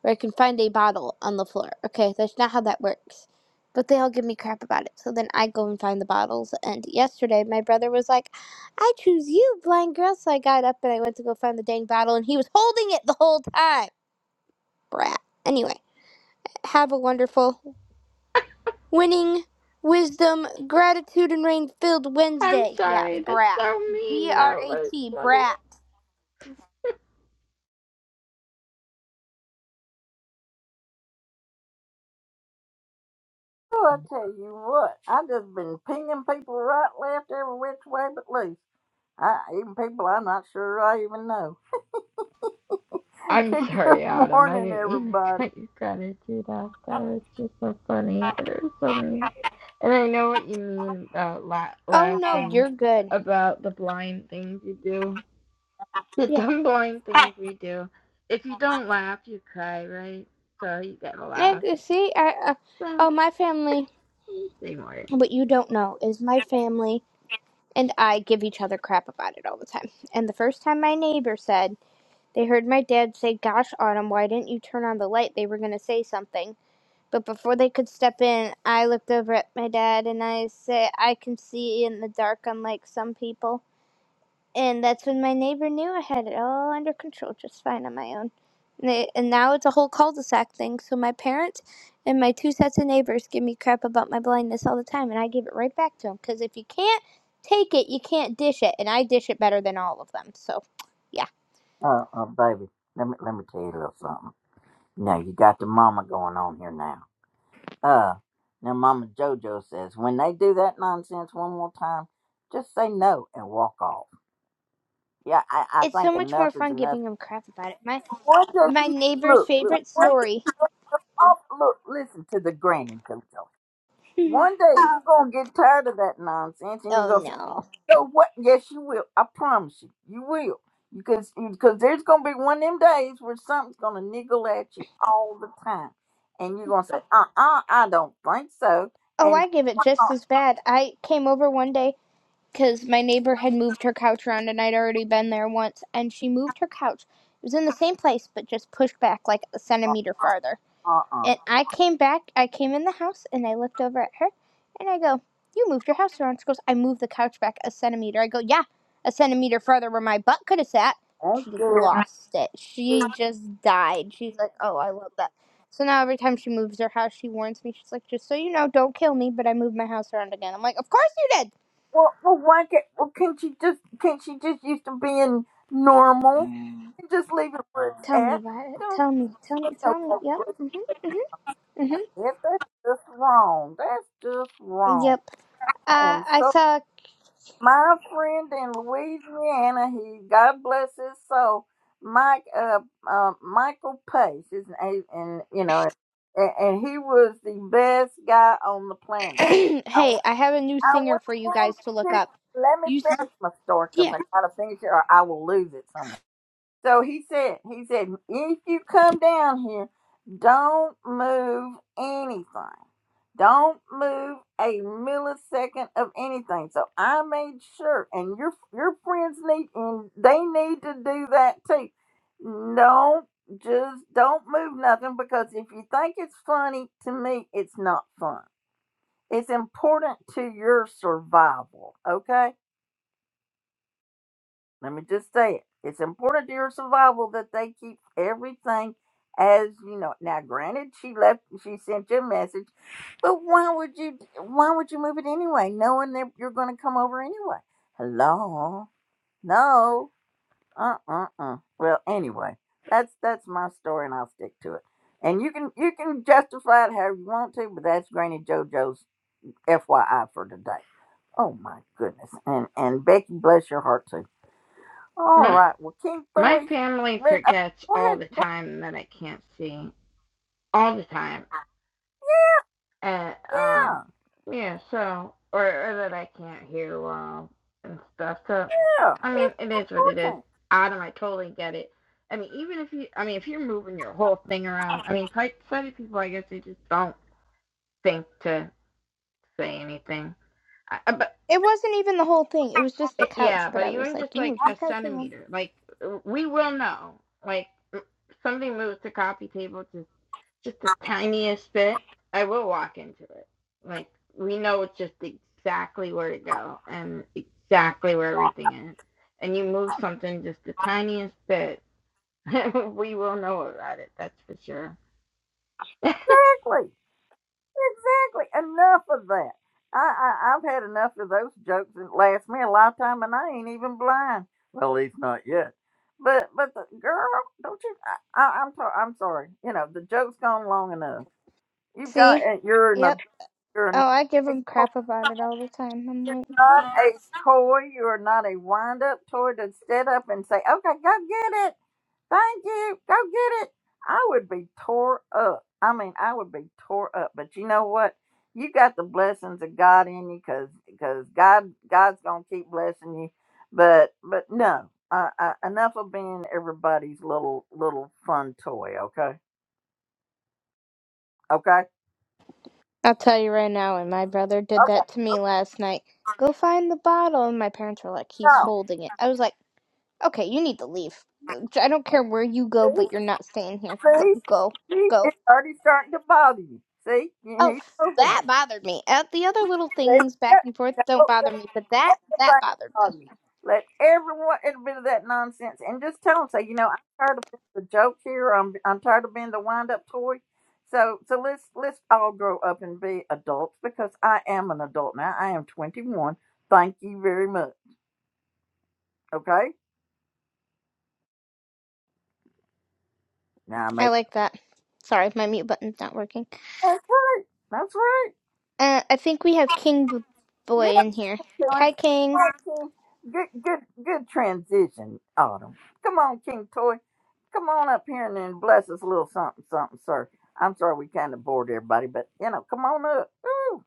Speaker 2: where I can find a bottle on the floor. Okay? That's not how that works. But they all give me crap about it. So then I go and find the bottles. And yesterday, my brother was like, I choose you, blind girl. So I got up and I went to go find the dang bottle, and he was holding it the whole time. Brat. Anyway, have a wonderful winning wisdom, gratitude, and rain filled
Speaker 3: I'm
Speaker 2: Wednesday. Yeah,
Speaker 3: sorry. That's
Speaker 2: brat.
Speaker 3: so
Speaker 2: B
Speaker 3: mean.
Speaker 2: R
Speaker 3: No,
Speaker 2: A
Speaker 3: That was
Speaker 2: T,
Speaker 3: funny.
Speaker 2: brat.
Speaker 1: Oh, I tell you what, I just been pinging people right, left, every which way but loose. I, even people I'm not sure I even know. *laughs*
Speaker 3: I'm
Speaker 1: Good
Speaker 3: sorry, Autumn I
Speaker 1: morning,
Speaker 3: didn't mean to
Speaker 1: everybody.
Speaker 3: cut your gratitude off. That was just so funny, but it was so mean. And I know what you mean about la-
Speaker 2: Oh no,
Speaker 3: laughing
Speaker 2: you're good.
Speaker 3: about the blind things you do. The
Speaker 2: Yeah.
Speaker 3: dumb, boring things we do. If you don't laugh, you cry, right? So you gotta laugh.
Speaker 2: see, I, uh,
Speaker 3: So
Speaker 2: oh, my family,
Speaker 3: say more.
Speaker 2: what you don't know is my family and I give each other crap about it all the time. And the first time my neighbor said, they heard my dad say, Gosh, Autumn, why didn't you turn on the light? They were going to say something But before they could step in, I looked over at my dad and I said, I can see in the dark, unlike some people. And that's when my neighbor knew I had it all under control just fine on my own. And, they, and now it's a whole cul de sac thing, so my parents and my two sets of neighbors give me crap about my blindness all the time, and I give it right back to them. Because if you can't take it, you can't dish it, and I dish it better than all of them, so yeah.
Speaker 1: Oh, uh, baby, let me let me tell you a little something. Now you got the mama going on here now. Uh, now Mama Jojo says, when they do that nonsense one more time, just say no and walk off. Yeah, I, I
Speaker 2: It's so
Speaker 1: think
Speaker 2: much
Speaker 1: enough
Speaker 2: more
Speaker 1: is
Speaker 2: fun
Speaker 1: enough.
Speaker 2: giving them crap about it. My,
Speaker 1: One day
Speaker 2: my
Speaker 1: you
Speaker 2: neighbor's
Speaker 1: look, look,
Speaker 2: favorite
Speaker 1: one,
Speaker 2: story.
Speaker 1: oh, look, listen to the granny Jojo.
Speaker 2: *laughs* oh
Speaker 1: One day you're gonna get tired of that nonsense, and you're gonna say,
Speaker 2: no.
Speaker 1: "No, what? Yes, you will. I promise you, you will." Because because there's gonna be one of them days where something's gonna niggle at you all the time, and you're gonna say, "Uh, uh I don't think so,"
Speaker 2: Oh,
Speaker 1: and
Speaker 2: I give it just as bad. I came over one day because my neighbor had moved her couch around and I'd already been there once, and she moved her couch. It was in the same place, but just pushed back like a
Speaker 1: uh,
Speaker 2: centimeter farther.
Speaker 1: uh-uh.
Speaker 2: And I came back, I came in the house and I looked over at her and I go, You moved your house around. She goes, I moved the couch back a centimeter. I go, Yeah, a centimeter further where my butt could have sat.
Speaker 1: Okay.
Speaker 2: She lost it. She just died. She's like, Oh, I love that. So now every time she moves her house, she warns me. She's like, Just so you know, don't kill me, but I moved my house around again. I'm like, Of course you did.
Speaker 1: Well, well, why can't, well, can't she just, can't she just used to being normal and just leave it where it's
Speaker 2: Tell me
Speaker 1: at?
Speaker 2: about it.
Speaker 1: Don't
Speaker 2: Tell me. Tell me.
Speaker 1: put no
Speaker 2: Tell me.
Speaker 1: more
Speaker 2: Yep.
Speaker 1: great
Speaker 2: hmm hmm
Speaker 1: That's just wrong. That's just
Speaker 2: hmm
Speaker 1: wrong.
Speaker 2: Yep.
Speaker 1: I
Speaker 2: Uh,
Speaker 1: am
Speaker 2: I
Speaker 1: so,
Speaker 2: saw
Speaker 1: my friend in Louisiana, he, God bless his soul, Mike, uh, uh, Michael Pace, is, and, and, you know, and, and he was the best guy on the
Speaker 2: *clears throat*
Speaker 1: planet.
Speaker 2: hey, I have a new
Speaker 1: I
Speaker 2: singer
Speaker 1: went
Speaker 2: for you
Speaker 1: on
Speaker 2: guys to look
Speaker 1: to-
Speaker 2: up.
Speaker 1: let me
Speaker 2: You, s-
Speaker 1: finish my story because
Speaker 2: yeah.
Speaker 1: I gotta finish it or I will lose it somewhere. So he said, he said, if you come down here, don't move anything. Don't move a millisecond of anything. So I made sure, and your your friends need and they need to do that too. Don't just don't move nothing because if you think it's funny, to me it's not fun. It's important to your survival, okay? Let me just say it. It's important to your survival that they keep everything as you know. Now, granted, she left, she sent you a message, but why would you? Why would you move it anyway, knowing that you're going to come over anyway? Hello, no, uh, uh, uh. Well, anyway, that's that's my story, and I'll stick to it. And you can you can justify it however you want to, but that's Granny JoJo's FYI for today. Oh my goodness. And and Becky, bless your heart too. All
Speaker 3: My
Speaker 1: right. Well, King
Speaker 3: my
Speaker 1: Thoy,
Speaker 3: family
Speaker 1: re- uh,
Speaker 3: forgets
Speaker 1: go
Speaker 3: all
Speaker 1: ahead.
Speaker 3: the
Speaker 1: Go
Speaker 3: time that I can't see. All the time. And um,
Speaker 1: yeah,
Speaker 3: yeah. So or, or that I can't hear well and stuff. So
Speaker 1: yeah.
Speaker 3: I mean,
Speaker 1: It's
Speaker 3: it is what it is.
Speaker 1: important.
Speaker 3: Adam, I totally get it. I mean, even if you, I mean, if you're moving your whole thing around, I mean, sighted people, I guess they just don't think to say anything. I, but
Speaker 2: It wasn't even the whole thing. It was just the
Speaker 3: It-
Speaker 2: couch.
Speaker 3: yeah,
Speaker 2: But
Speaker 3: but
Speaker 2: I was
Speaker 3: even
Speaker 2: like,
Speaker 3: just
Speaker 2: you
Speaker 3: like
Speaker 2: moved your
Speaker 3: a
Speaker 2: couch around.
Speaker 3: centimeter, like we will know. Like something moves the coffee table just just the tiniest bit, I will walk into it. Like we know it's just exactly where to go and exactly where everything is. And you move something just the tiniest bit, *laughs* we will know about it. That's for sure.
Speaker 1: Exactly. Exactly. Enough of that. I, I I've had enough of those jokes that last me a lifetime, and I ain't even blind. Well, at least not yet. But but the girl, don't you? I, I, I'm sorry. I'm sorry. You know the joke's gone long enough. You've got.
Speaker 2: See?
Speaker 1: uh, You're an
Speaker 2: Yep.
Speaker 1: adult. You're an
Speaker 2: Oh, I give him
Speaker 1: adult.
Speaker 2: crap about it all the time. I'm like, "Mhm."
Speaker 1: not a toy. You are not a wind up toy to stand up and say, okay, go get it. Thank you. Go get it. I would be tore up. I mean, I would be tore up. But you know what? You got the blessings of God in you because God God's gonna keep blessing you. But but no, uh, uh, enough of being everybody's little little fun toy. Okay, okay,
Speaker 2: I'll tell you right now. And my brother did
Speaker 1: okay.
Speaker 2: that to me last night. Go find the bottle. And my parents were like, he's
Speaker 1: No,
Speaker 2: holding it. I was like, okay, you need to leave. Go- I don't care where you go,
Speaker 1: see,
Speaker 2: but you're not staying here. Go,
Speaker 1: see,
Speaker 2: go,
Speaker 1: see,
Speaker 2: go.
Speaker 1: it's already starting to bother you. See,
Speaker 2: Oh,
Speaker 1: he's moving it.
Speaker 2: that bothered me. Uh, the other little
Speaker 1: Let's
Speaker 2: things
Speaker 1: go.
Speaker 2: back and forth don't
Speaker 1: Don't
Speaker 2: bother
Speaker 1: let
Speaker 2: me, but that
Speaker 1: the blame
Speaker 2: that bothered me.
Speaker 1: Let everyone admit of that nonsense and just tell them, say, you know, I'm tired of being the joke here. I'm I'm tired of being the wind up toy. So so let's let's all grow up and be adults because I am an adult now. I am 21. Thank you very much. Okay. Now I
Speaker 2: I
Speaker 1: made
Speaker 2: like that. Sorry, my mute button's not working.
Speaker 1: that's right. That's right.
Speaker 2: Uh, I think we have King B-
Speaker 1: Yeah.
Speaker 2: Boy in here. Hi,
Speaker 1: Killing.
Speaker 2: King.
Speaker 1: All right, King. Good, good, good transition, Autumn. Come on, King Toy. Come on up here and then bless us a little something, something, sir. I'm sorry we kind of bored everybody, but you know, come on up. Ooh,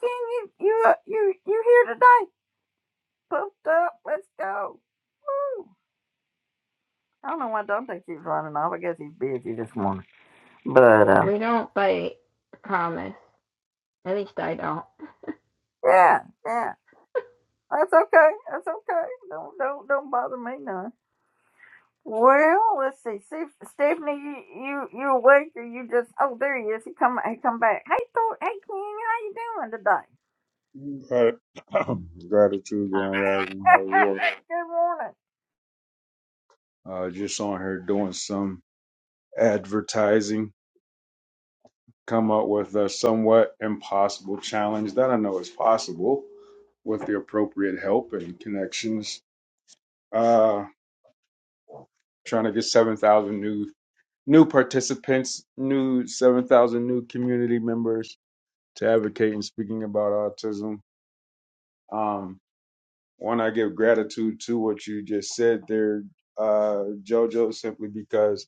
Speaker 1: King, you, you, uh, you, you here today? Pumped up. Let's go. Woo. I don't know why Dante keeps running off. I guess he's busy this morning. But uh,
Speaker 3: We don't like promise. At least I don't.
Speaker 1: yeah, yeah, that's okay. That's okay. Don't, don't, don't bother me none. Well, let's see. see Stephanie, you, you you awake or you just? Oh, there he is. He come he come back. Hey, Thor, hey, King, how you doing
Speaker 4: Right. *clears throat* Gratitude, Grand Rising,
Speaker 1: today?
Speaker 4: how
Speaker 1: *laughs*
Speaker 4: are you? all?
Speaker 1: Good morning.
Speaker 4: Uh, just on here doing some advertising. Come up with a somewhat impossible challenge that I know is possible with the appropriate help and connections. Uh, trying to get seven thousand new new participants, new seven thousand new community members to advocate and speaking about autism. Um, One, I give gratitude to what you just said there, uh, JoJo, simply because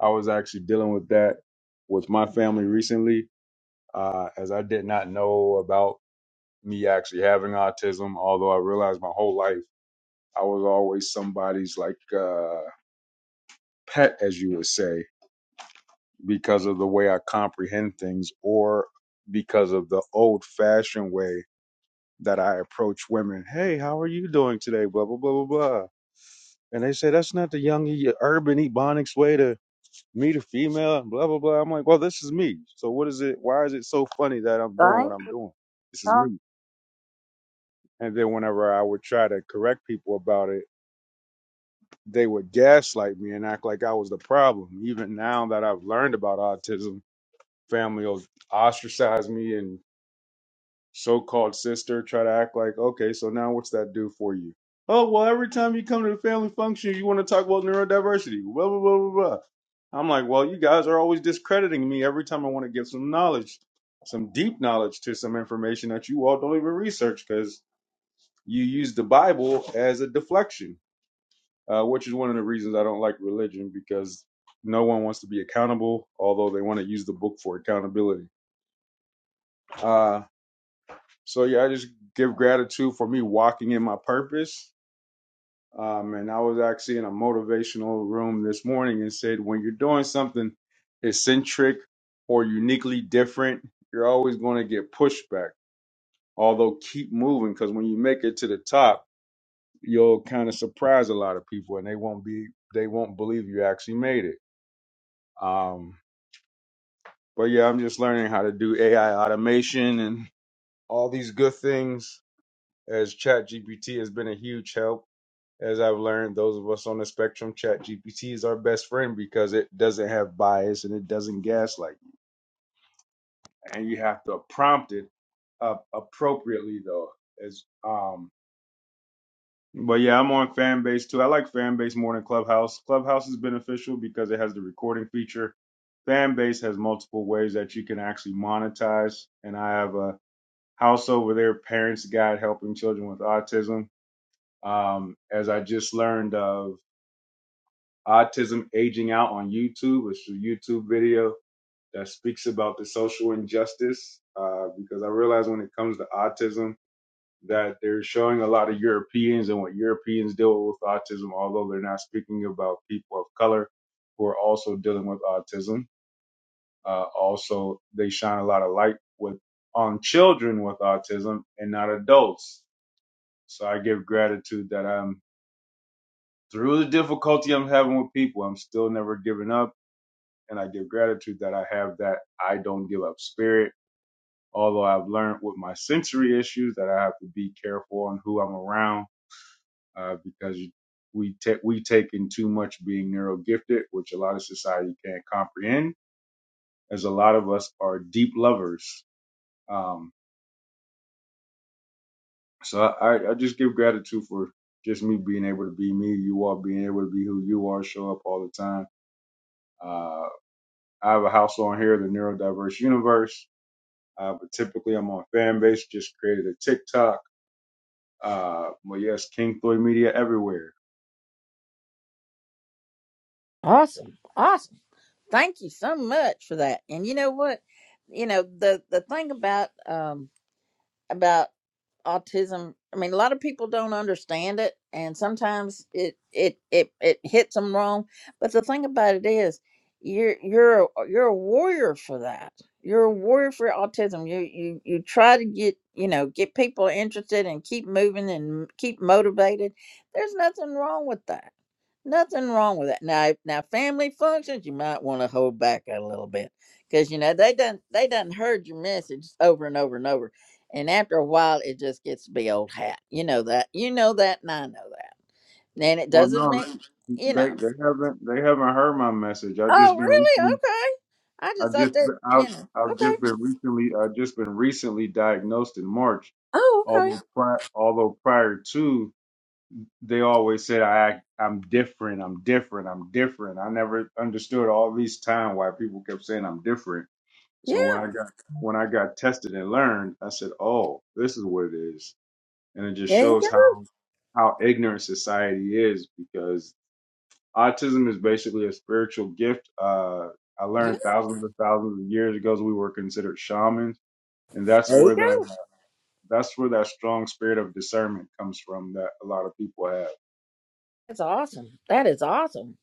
Speaker 4: I was actually dealing with that with my family recently, uh, as I did not know about me actually having autism, although I realized my whole life I was always somebody's like uh, pet, as you would say, because of the way I comprehend things or because of the old fashioned way that I approach women. Hey, how are you doing today? Blah, blah, blah, blah, blah And they say that's not the young e- urban ebonics way to meet a female and blah blah blah. I'm like, well, this is me. So what is it? Why is it so funny that I'm doing what
Speaker 1: Thank
Speaker 4: I'm
Speaker 1: you.
Speaker 4: doing? This is
Speaker 1: Oh,
Speaker 4: me. And then whenever I would try to correct people about it, they would gaslight me and act like I was the problem. Even now that I've learned about autism, family will ostracize me and so-called sister try to act like, okay, so now what's that do for you? Oh well, every time you come to the family function, you want to talk about neurodiversity. Blah blah blah blah blah. I'm like, well, you guys are always discrediting me every time I want to give some knowledge, some deep knowledge to some information that you all don't even research because you use the Bible as a deflection, uh, which is one of the reasons I don't like religion because no one wants to be accountable, although they want to use the book for accountability. Uh, so, yeah, I just give gratitude for me walking in my purpose Um, and I was actually in a motivational room this morning and said, when you're doing something eccentric or uniquely different, you're always going to get pushback. Although keep moving, because when you make it to the top, you'll kind of surprise a lot of people, and they won't be they won't believe you actually made it. Um, but yeah, I'm just learning how to do AI automation and all these good things as ChatGPT has been a huge help As I've learned, those of us on the spectrum, ChatGPT is our best friend because it doesn't have bias and it doesn't gaslight. And you have to prompt it up appropriately though. As um but yeah, I'm on Fanbase too. I like Fanbase more than Clubhouse. Clubhouse is beneficial because it has the recording feature. Fanbase has multiple ways that you can actually monetize. And I have a house over there, Parents Guide Helping Children with Autism. Um, as I just learned of Autism Aging Out on YouTube. which is a YouTube video that speaks about the social injustice uh, because I realize when it comes to autism that they're showing a lot of Europeans and what Europeans deal with autism, although they're not speaking about people of color who are also dealing with autism. Uh, also, they shine a lot of light with on children with autism and not adults. So I give gratitude that I'm through the difficulty I'm having with people. I'm still never giving up. and I give gratitude that I have that I don't give up spirit. Although I've learned with my sensory issues that I have to be careful on who I'm around uh, because we take we take in too much being neuro gifted, which a lot of society can't comprehend, as a lot of us are deep lovers. Um, so I, I just give gratitude for just me being able to be me, you all being able to be who you are, show up all the time. Uh, I have a house on here, the Neurodiverse Universe. Uh, but typically I'm on Fanbase, just created a TikTok. Uh, well, yes, King Floyd Media everywhere.
Speaker 1: Awesome, awesome. Thank you so much for that. And you know what? You know the the thing about um about autism i mean a lot of people don't understand it and sometimes it it it, it hits them wrong but the thing about it is you're you're a- you're a warrior for that you're a warrior for autism you you you try to get you know get people interested and keep moving and keep motivated there's nothing wrong with that nothing wrong with that now if- now family functions you might want to hold back a little bit because you know they done they done heard your message over and over and over and after a while, it just gets to be old hat. You know that. You know that, and I know that. And it
Speaker 4: Well,
Speaker 1: doesn't
Speaker 4: no,
Speaker 1: mean,
Speaker 4: they,
Speaker 1: you
Speaker 4: they,
Speaker 1: know.
Speaker 4: they haven't, they haven't heard my message. i just
Speaker 1: Oh,
Speaker 4: been
Speaker 1: really?
Speaker 4: recently,
Speaker 1: Okay. I
Speaker 4: i
Speaker 1: just thought
Speaker 4: just
Speaker 1: that,
Speaker 4: been, I've,
Speaker 1: you know.
Speaker 4: I've just
Speaker 1: Okay.
Speaker 4: been recently, I've just been recently diagnosed in March.
Speaker 1: Oh, okay.
Speaker 4: Although prior, although prior to, they always said I act, I'm different, I'm different, I'm different. I never understood all these time why people kept saying I'm different So when
Speaker 1: Yeah.
Speaker 4: I got when I got tested and learned, I said, "Oh, this is what it is," and it just
Speaker 1: There you go.
Speaker 4: shows how how ignorant society is because autism is basically a spiritual gift. Uh, I
Speaker 1: Yeah.
Speaker 4: learned thousands and thousands of years ago we were considered shamans, and that's
Speaker 1: There
Speaker 4: where
Speaker 1: you go.
Speaker 4: that that's where that strong spirit of discernment comes from that a lot of people have.
Speaker 1: That's awesome. That is awesome.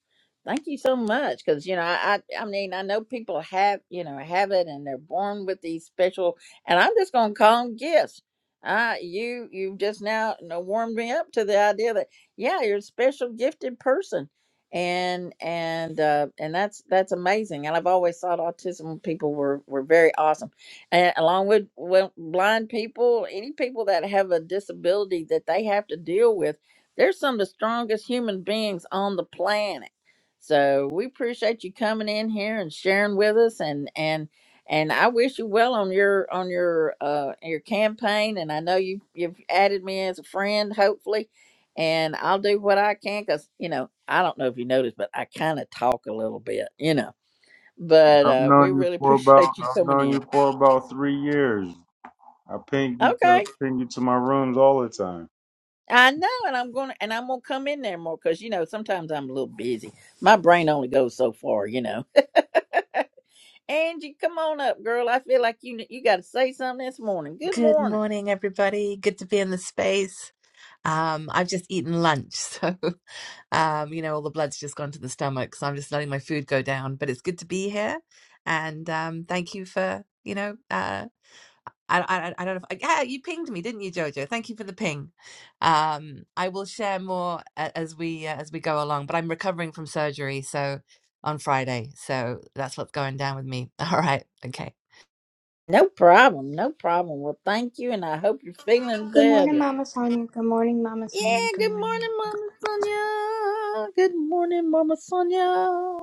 Speaker 1: Thank you so much. Because you know, I, I I mean, I know people have you know have it, and they're born with these special. And I'm just gonna call them gifts. Uh, you you just now you know, warmed me up to the idea that yeah, you're a special gifted person, and and uh, and that's that's amazing. And I've always thought autism people were were very awesome, and along with, with blind people, any people that have a disability that they have to deal with they're some of the strongest human beings on the planet. So we appreciate you coming in here and sharing with us and and and I wish you well on your on your uh your campaign and I know you you've added me as a friend hopefully and I'll do what I can cuz you know I don't know if you noticed but I kind of talk a little bit, you know. But
Speaker 4: I've
Speaker 1: uh we
Speaker 4: known you
Speaker 1: really *laughs*
Speaker 4: for about
Speaker 1: appreciate you
Speaker 4: I've
Speaker 1: coming
Speaker 4: known
Speaker 1: in.
Speaker 4: you for about three years. I ping you, I
Speaker 1: Okay.
Speaker 4: ping you to my rooms all the time.
Speaker 1: I know, and I'm gonna and I'm gonna come in there more because you know sometimes I'm a little busy. My brain only goes so far, you know. *laughs* Angie, come on up, girl. I feel like you you got to say something this morning. Good
Speaker 5: Good
Speaker 1: morning.
Speaker 5: morning, everybody. Good to be in the space. Um, I've just eaten lunch, *laughs* so um, you know, all the blood's just gone to the stomach, so I'm just letting my food go down. But it's good to be here, and um, thank you for, you know, uh, I, I, I don't know if yeah, you pinged me, didn't you, Jojo? Thank you for the ping. Um, I will share more a- as we uh, as we go along. But I'm recovering from surgery, so on Friday, so that's what's going down with me. *laughs* All right, okay.
Speaker 1: No problem, no problem. Well, thank you, and I hope you're feeling
Speaker 2: Good morning,
Speaker 1: better.
Speaker 2: Mama Sonia. Good morning, Mama
Speaker 1: Yeah.
Speaker 2: Sonia. Good
Speaker 1: Good
Speaker 2: morning.
Speaker 1: morning,
Speaker 2: Mama.
Speaker 1: Mama Sonia. Good morning, Mama Sonia.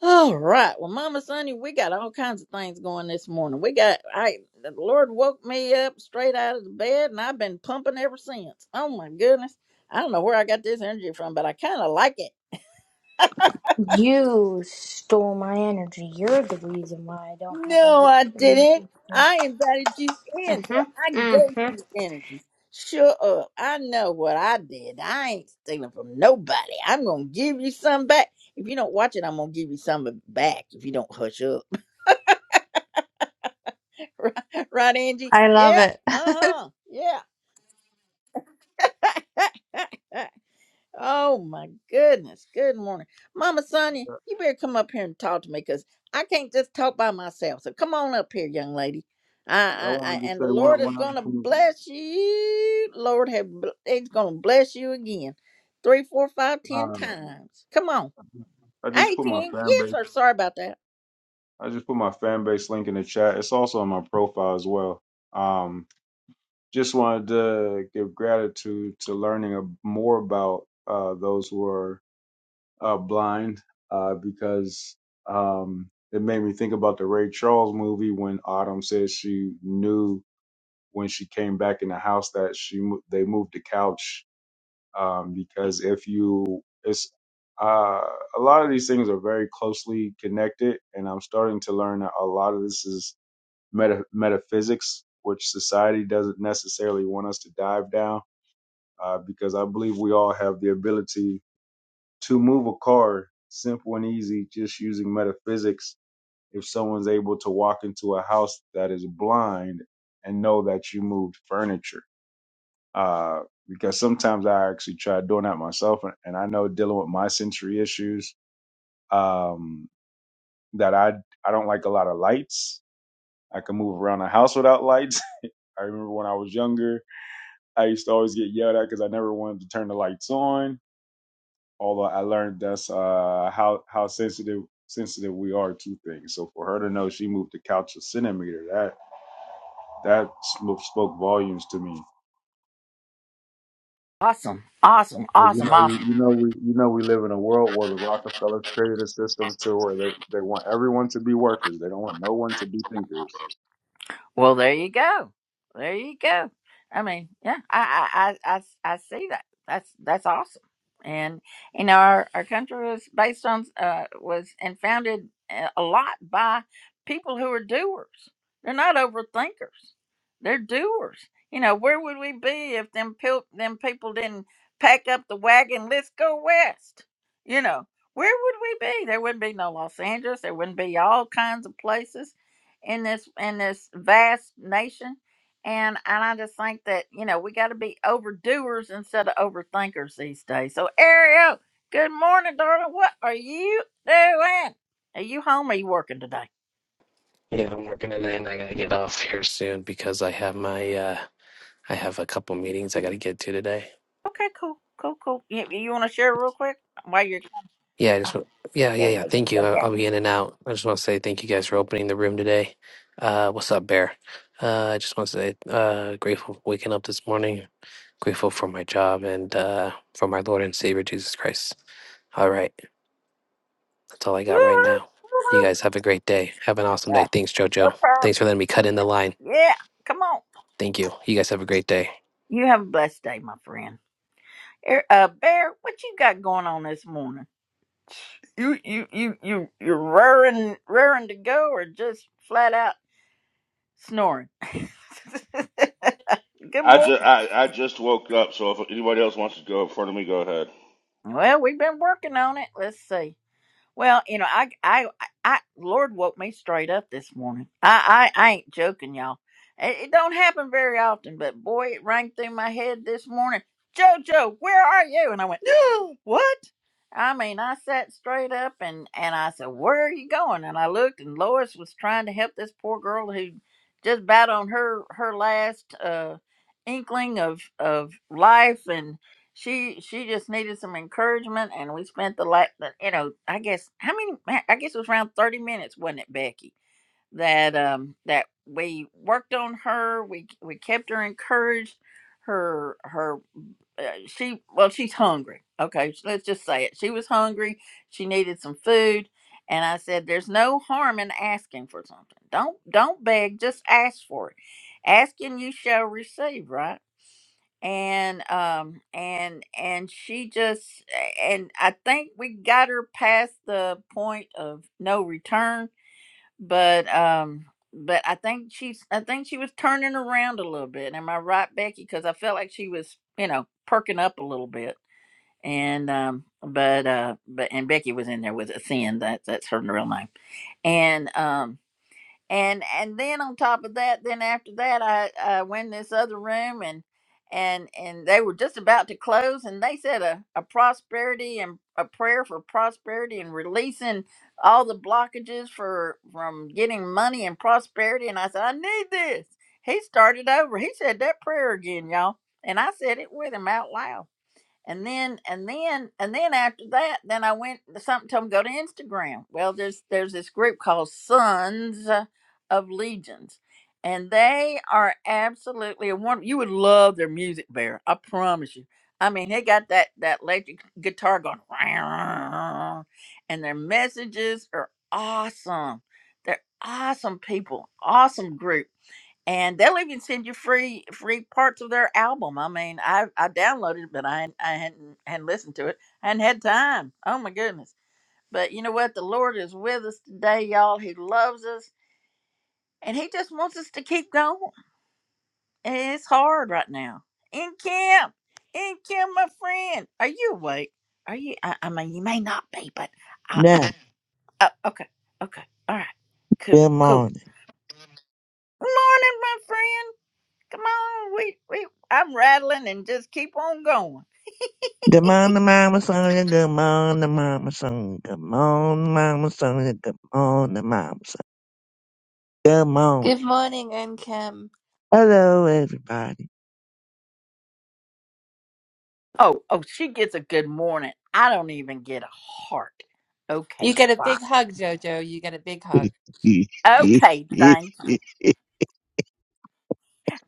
Speaker 1: All right. Well, Mama Sonny, we got all kinds of things going this morning. We got I the Lord woke me up straight out of the bed and I've been pumping ever since. Oh my goodness. I don't know where I got this energy from, but I kinda like it.
Speaker 2: You stole my energy. You're the reason why I don't have
Speaker 1: No,
Speaker 2: much
Speaker 1: I didn't.
Speaker 2: energy today.
Speaker 1: I invited you in, so
Speaker 2: Mhm.
Speaker 1: I gave
Speaker 2: Mhm.
Speaker 1: you energy. Sure up. I know what I did. I ain't stealing from nobody. I'm gonna give you some back. If you don't watch it, I'm gonna give you some back if you don't hush up. *laughs* right, right, Angie?
Speaker 5: I love
Speaker 1: Yeah.
Speaker 5: it.
Speaker 1: Uh
Speaker 5: *laughs*
Speaker 1: huh. Yeah. *laughs* oh my goodness. Good morning, Mama Sonia. You better come up here and talk to me, cause I can't just talk by myself. So come on up here, young lady.
Speaker 4: I
Speaker 1: I, I, I
Speaker 4: wanted to
Speaker 1: and
Speaker 4: say
Speaker 1: the
Speaker 4: one
Speaker 1: Lord is
Speaker 4: one other
Speaker 1: gonna
Speaker 4: thing.
Speaker 1: bless you. Lord have bl- He's gonna bless you again, three, four, five, ten
Speaker 4: Uh,
Speaker 1: times. Come on.
Speaker 4: I just
Speaker 1: Hey,
Speaker 4: put my
Speaker 1: King.
Speaker 4: fan
Speaker 1: Yes,
Speaker 4: base.
Speaker 1: sir. Sorry about that.
Speaker 4: I just put my fan base link in the chat. It's also on my profile as well. Um, just wanted to give gratitude to learning a, more about uh, those who are uh, blind uh, because um, it made me think about the Ray Charles movie when Autumn said she knew when she came back in the house that she mo- they moved the couch um, because if you it's uh, a lot of these things are very closely connected and i'm starting to learn that a lot of this is meta- metaphysics which society doesn't necessarily want us to dive down uh, because i believe we all have the ability to move a car simple and easy just using metaphysics if someone's able to walk into a house that is blind and know that you moved furniture uh, because sometimes I actually try doing that myself, and, and I know dealing with my sensory issues um, that I I don't like a lot of lights. I can move around the house without lights. *laughs* I remember when I was younger, I used to always get yelled at because I never wanted to turn the lights on. Although I learned that's uh, how how sensitive sensitive we are to things. So for her to know she moved the couch a centimeter, that that sm- spoke volumes to me.
Speaker 1: Awesome, awesome,
Speaker 4: Like, you
Speaker 1: awesome,
Speaker 4: know,
Speaker 1: awesome.
Speaker 4: you, you know, we you know we live in a world where the Rockefellers created a system to where they they want everyone to be workers. They don't want no one to be thinkers.
Speaker 1: Well, there you go. There you go. I mean, yeah, I, I, I, I, I see that. That's that's awesome. And you know, our, our country was based on uh, was and founded uh, a lot by people who are doers. They're not overthinkers. They're doers. You know, where would we be if them pil- them people didn't pack up the wagon? Let's go west. You know, where would we be? There wouldn't be no Los Angeles. There wouldn't be all kinds of places in this in this vast nation and and i just think that you know we got to be overdoers instead of overthinkers these days so ariel good morning darling what are you doing are you home or are you working today
Speaker 6: Yeah, I'm working today, and I gotta get off here soon because I have my uh I have a couple meetings I gotta get to today.
Speaker 1: okay cool cool cool you, you want to share real quick while you're *laughs*
Speaker 6: Yeah, I just want, yeah
Speaker 1: yeah
Speaker 6: yeah yeah.
Speaker 1: yeah yeah
Speaker 6: Thank you.
Speaker 1: yeah
Speaker 6: I'll,
Speaker 1: yeah
Speaker 6: I'll be in and out. I just want to say thank you guys for opening the room today. Uh, what's up, Bear? Uh, I just want to say uh grateful for waking up this morning. Grateful for my job and uh for my Lord and Savior Jesus Christ. All right, that's all I got right
Speaker 1: Woo-hoo,
Speaker 6: now. You
Speaker 1: woo-hoo.
Speaker 6: guys have a great day. Have an awesome
Speaker 1: yeah
Speaker 6: day. Thanks,
Speaker 1: no
Speaker 6: JoJo.
Speaker 1: problem.
Speaker 6: Thanks for letting me cut in the line.
Speaker 1: Yeah, come on
Speaker 6: Thank you. You guys have a great day.
Speaker 1: you have a blessed day my friend Ar- uh bear what you got going on this morning You you you you you're raring raring to go, or just flat out snoring. *laughs* Good
Speaker 7: I just
Speaker 1: morning.
Speaker 7: I, I just woke up, so if anybody else wants to go in front of me, go ahead.
Speaker 1: Well, we've been working on it. Let's see. Well, you know, I, I, I, Lord woke me straight up this morning. I, I, I ain't joking, y'all. It, it don't happen very often, but boy, it rang through my head this morning. Jojo, where are you? And I went, No, what? I mean, I sat straight up and and I said, where are you going? And I looked, and Lois was trying to help this poor girl who just about on her her last uh inkling of of life and she she just needed some encouragement and we spent the like you know i guess how many i guess it was around 30 minutes wasn't it becky that um that we worked on her we we kept her encouraged her her uh, she well she's hungry okay sh- let's just say it she was hungry she needed some food and i said there's no harm in asking for something don't don't beg just ask for it asking you shall receive right and um and and she just and I think we got her past the point of no return, but um but I think she's I think she was turning around a little bit. Am I right, Becky? Because I felt like she was you know perking up a little bit, and um but uh but and Becky was in there with a thin that that's her real name, and um and and then on top of that then after that i i went in this other room and and and they were just about to close and they said a, a prosperity and a prayer for prosperity and releasing all the blockages for from getting money and prosperity and i said i need this he started over he said that prayer again y'all and i said it with him out loud and then and then and then after that, then I went something told me to go to Instagram. Well, there's there's this group called Sons of Legions. And they are absolutely a wonderful. You would love their music, Bear. I promise you. I mean, they got that that electric guitar going, *laughs* and their messages are awesome. They're awesome people, awesome group and they'll even send you free free parts of their album. I mean, I I downloaded it, but I hadn't- I hadn't hadn't listened to it. I hadn't had time. Oh my goodness! But you know what? The Lord is with us today, y'all. He loves us, and He just wants us to keep going. And It's hard right now. In camp, in camp, my friend. Are you awake? Are you? I, I mean, you may not be, but I,
Speaker 8: Now,
Speaker 1: I, oh, okay, okay, all right, cool,
Speaker 8: good
Speaker 1: cool.
Speaker 8: morning.
Speaker 1: Morning, my friend. Come on, we we I'm rattling and just keep on going.
Speaker 8: Good morning, Mama Sonia. Good morning, Mama Sonia. Good morning, Mama Sonia. Good morning, Mama Sonia. Good
Speaker 5: Good
Speaker 8: morning.
Speaker 5: morning, NCAM.
Speaker 8: Hello, everybody.
Speaker 1: Oh, oh, she gets a good morning. I don't even get a heart.
Speaker 5: You
Speaker 1: Okay,
Speaker 5: get a
Speaker 1: fine.
Speaker 5: big hug, Jojo. You get a big
Speaker 8: *laughs*
Speaker 5: hug.
Speaker 8: okay,
Speaker 1: Okay, thanks.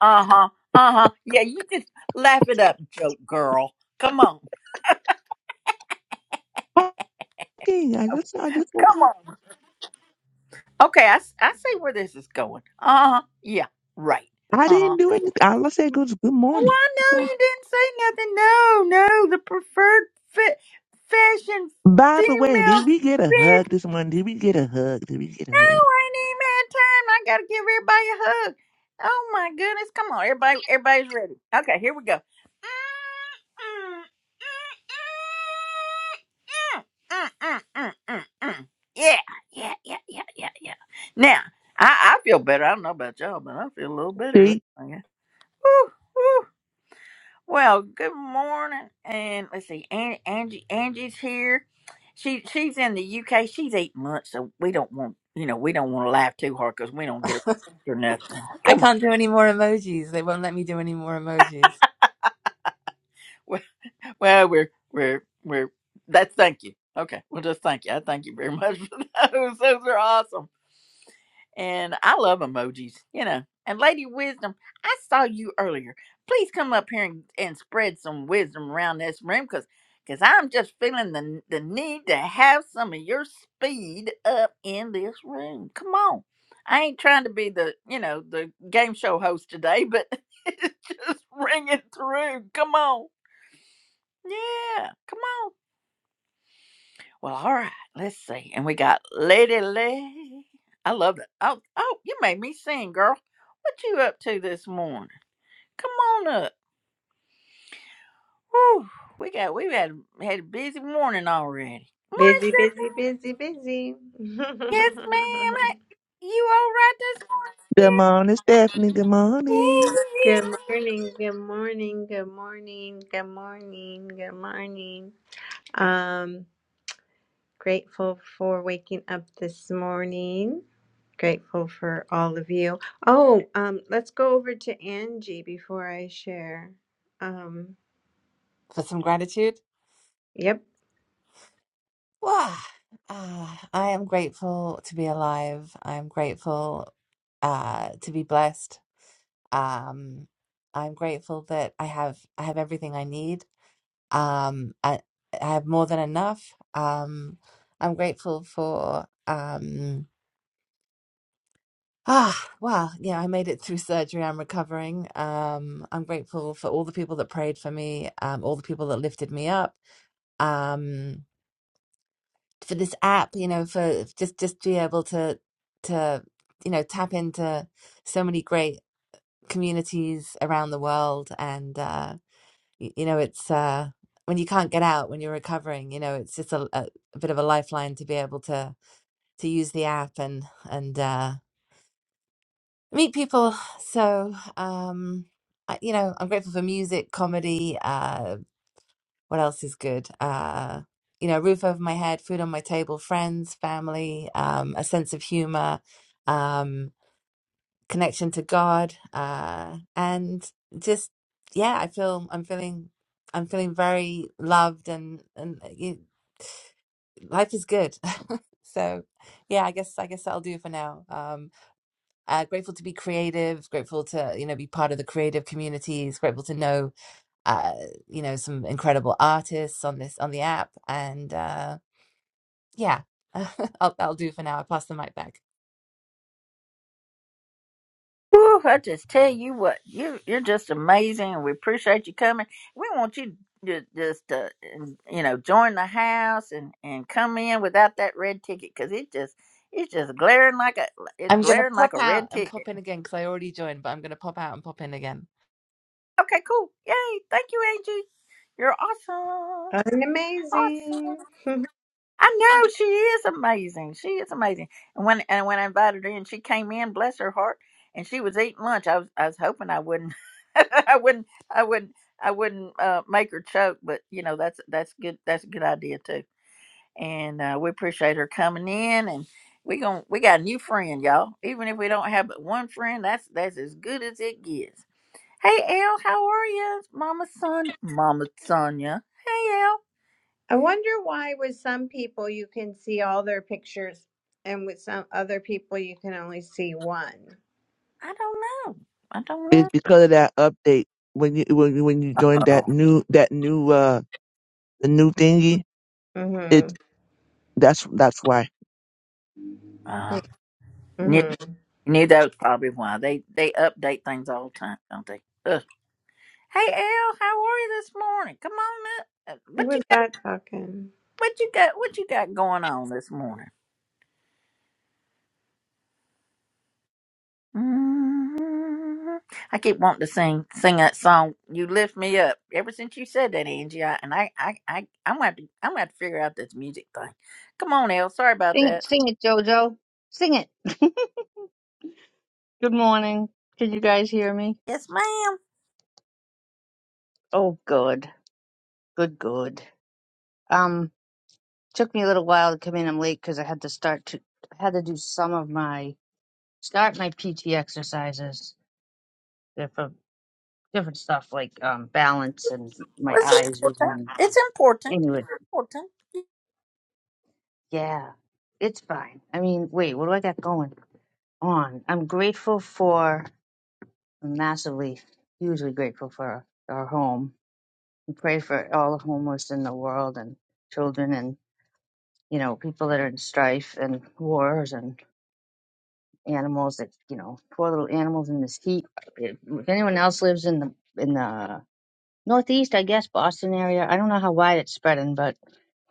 Speaker 1: Uh-huh. Uh-huh. Yeah, you just laugh it up, joke girl. Come on.
Speaker 8: I just, I just woke
Speaker 1: Come
Speaker 8: up.
Speaker 1: on. Okay, I, s- I see where this is going. Uh-huh. Yeah, right.
Speaker 8: I
Speaker 1: Uh-huh.
Speaker 8: didn't do anything. All I said was good
Speaker 1: Oh,
Speaker 8: morning.
Speaker 1: I
Speaker 8: That's all.
Speaker 1: know you didn't say nothing. No, no, the preferred fit fashion
Speaker 8: By the way, did
Speaker 1: female
Speaker 8: we get a hug this morning? Did we get a hug? Did we get a hug?
Speaker 1: Oh, I ain't even had time. I gotta give everybody a hug. Oh my goodness. Come on, everybody everybody's ready. Okay, here we go. Yeah, yeah, yeah, yeah, yeah, yeah. Now, I, I feel better. I don't know about y'all, but I feel a little better.
Speaker 8: See?
Speaker 1: Woo, woo. Well, good morning, and let's see, Angie, Angie Angie's here. She she's in the UK. She's eight months, so we don't want you know we don't want to laugh too hard because we don't get her *laughs* or nothing.
Speaker 5: I
Speaker 1: Come on.
Speaker 5: can't do any more emojis. They won't let me do any more emojis.
Speaker 1: Well, well, we're we're we're that's thank you. Okay, well just thank you. I thank you very *laughs* much for those. Those are awesome. And I love emojis, you know. And Lady Wisdom, I saw you earlier. Please come up here and, and spread some wisdom around this room because because 'cause I'm just feeling the, the need to have some of your speed up in this room. Come on. I ain't trying to be the, you know, the game show host today, but *laughs* it's just ringing through. Come on. Yeah. Come on. Well, all right, let's see. And we got Lady Lay. I love it. Oh, oh, you made me sing, girl. What you up to this morning? Come on up. Whew, we got we've had had a busy morning already. Morning,
Speaker 9: Busy,
Speaker 1: sister.
Speaker 9: busy, busy, busy. *laughs*
Speaker 1: Yes, ma'am. Hey, you all right this
Speaker 8: Good
Speaker 1: morning?
Speaker 8: morning, Stephanie. Good morning.
Speaker 1: Yes,
Speaker 9: good morning, good morning, good morning, good morning, good morning. Um, grateful for waking up this morning. Grateful for all of you. Oh, um, let's go over to Angie before I share. Um,
Speaker 5: For some gratitude.
Speaker 9: yep.
Speaker 5: Wow. Ah, I am grateful to be alive. I'm grateful uh, to be blessed. Um, I'm grateful that I have I have everything I need. Um, I, I have more than enough. Um, I'm grateful for. Um, Ah, well, yeah, I made it through surgery. I'm recovering. Um, I'm grateful for all the people that prayed for me, um, all the people that lifted me up, um, for this app, you know, for just just to be able to to you know tap into so many great communities around the world, and uh, y- you know, it's uh, when you can't get out when you're recovering, you know, it's just a, a, a bit of a lifeline to be able to to use the app and and uh, meet people. So, um, I, you know, I'm grateful for music, comedy. Uh, what else is good? Uh, you know, roof over my head, food on my table, friends, family, um, a sense of humor, um, connection to God, uh, and just yeah, I feel I'm feeling I'm feeling very loved and and you, life is good. *laughs* so, yeah, I guess I guess that'll do for now. Um uh, grateful to be creative, grateful to you know be part of the creative communities, grateful to know uh, you know some incredible artists on this on the app, and uh, yeah, *laughs* I'll, i will do for now. I pass the mic back.
Speaker 1: Woo, I just tell you what, you you're just amazing, and we appreciate you coming. We want you to just uh, you know join the house and and come in without that red ticket because it just it's just glaring like a it's
Speaker 5: I'm gonna
Speaker 1: glaring
Speaker 5: pop
Speaker 1: like a
Speaker 5: out
Speaker 1: red
Speaker 5: and
Speaker 1: ticket.
Speaker 5: pop in again because I already joined, but I'm gonna pop out and pop in again.
Speaker 1: Okay, cool, yay! Thank you, Angie. You're awesome,
Speaker 9: I'm
Speaker 1: Awesome.
Speaker 9: amazing.
Speaker 1: I know she is amazing. She is amazing. And when and when I invited her in, she came in, bless her heart, and she was eating lunch. I was I was hoping I wouldn't, *laughs* I wouldn't, I wouldn't, I wouldn't uh, make her choke. But you know that's that's good. That's a good idea too. And uh, we appreciate her coming in. And we going we got a new friend, y'all. Even if we don't have but one friend, that's that's as good as it gets. Hey El, how are you? It's Mama Sonia. Mama Sonia. Hey El.
Speaker 9: I wonder why with some people you can see all their pictures and with some other people you can only see one.
Speaker 1: I don't know. I
Speaker 8: It's
Speaker 1: don't
Speaker 8: because of that update when you when you when you join
Speaker 1: know.
Speaker 8: that new that new uh the new thingy. It
Speaker 9: Mhm.
Speaker 8: that's that's why.
Speaker 1: Uh, knew,
Speaker 9: Mhm.
Speaker 1: knew that was probably why. They they update things all the time, don't they? Ugh. Hey Al, how are you this morning? Come on up. Uh,
Speaker 9: Who
Speaker 1: What you
Speaker 9: was
Speaker 1: got
Speaker 9: that talking?
Speaker 1: what you got what you got going on this morning? mm I keep wanting to sing sing that song, You Lift Me Up. Ever since you said that, Angie, I, and I, I, I I'm gonna have to I'm gonna have to figure out this music thing. Come on, Al, sorry about
Speaker 10: Sing it,
Speaker 1: that.
Speaker 10: sing it, Jojo. Sing it. *laughs* Good morning. Can you guys hear me?
Speaker 1: Yes, ma'am.
Speaker 10: Oh, good, good, good. Um, took me a little while to come in. I'm late because I had to start to I had to do some of my start my PT exercises. They're for different stuff like um balance and my
Speaker 1: Well, It's
Speaker 10: eyes
Speaker 1: important.
Speaker 10: vision.
Speaker 1: It's important. It's
Speaker 10: Anyway,
Speaker 1: important.
Speaker 10: yeah, it's fine. I mean, wait, what do I got going on? I'm grateful for massively, hugely grateful for our home pray for all the homeless in the world and children and you know people that are in strife and wars and animals that you know poor little animals in this heat if if anyone else lives in the in the northeast i guess boston area i don't know how wide it's spreading but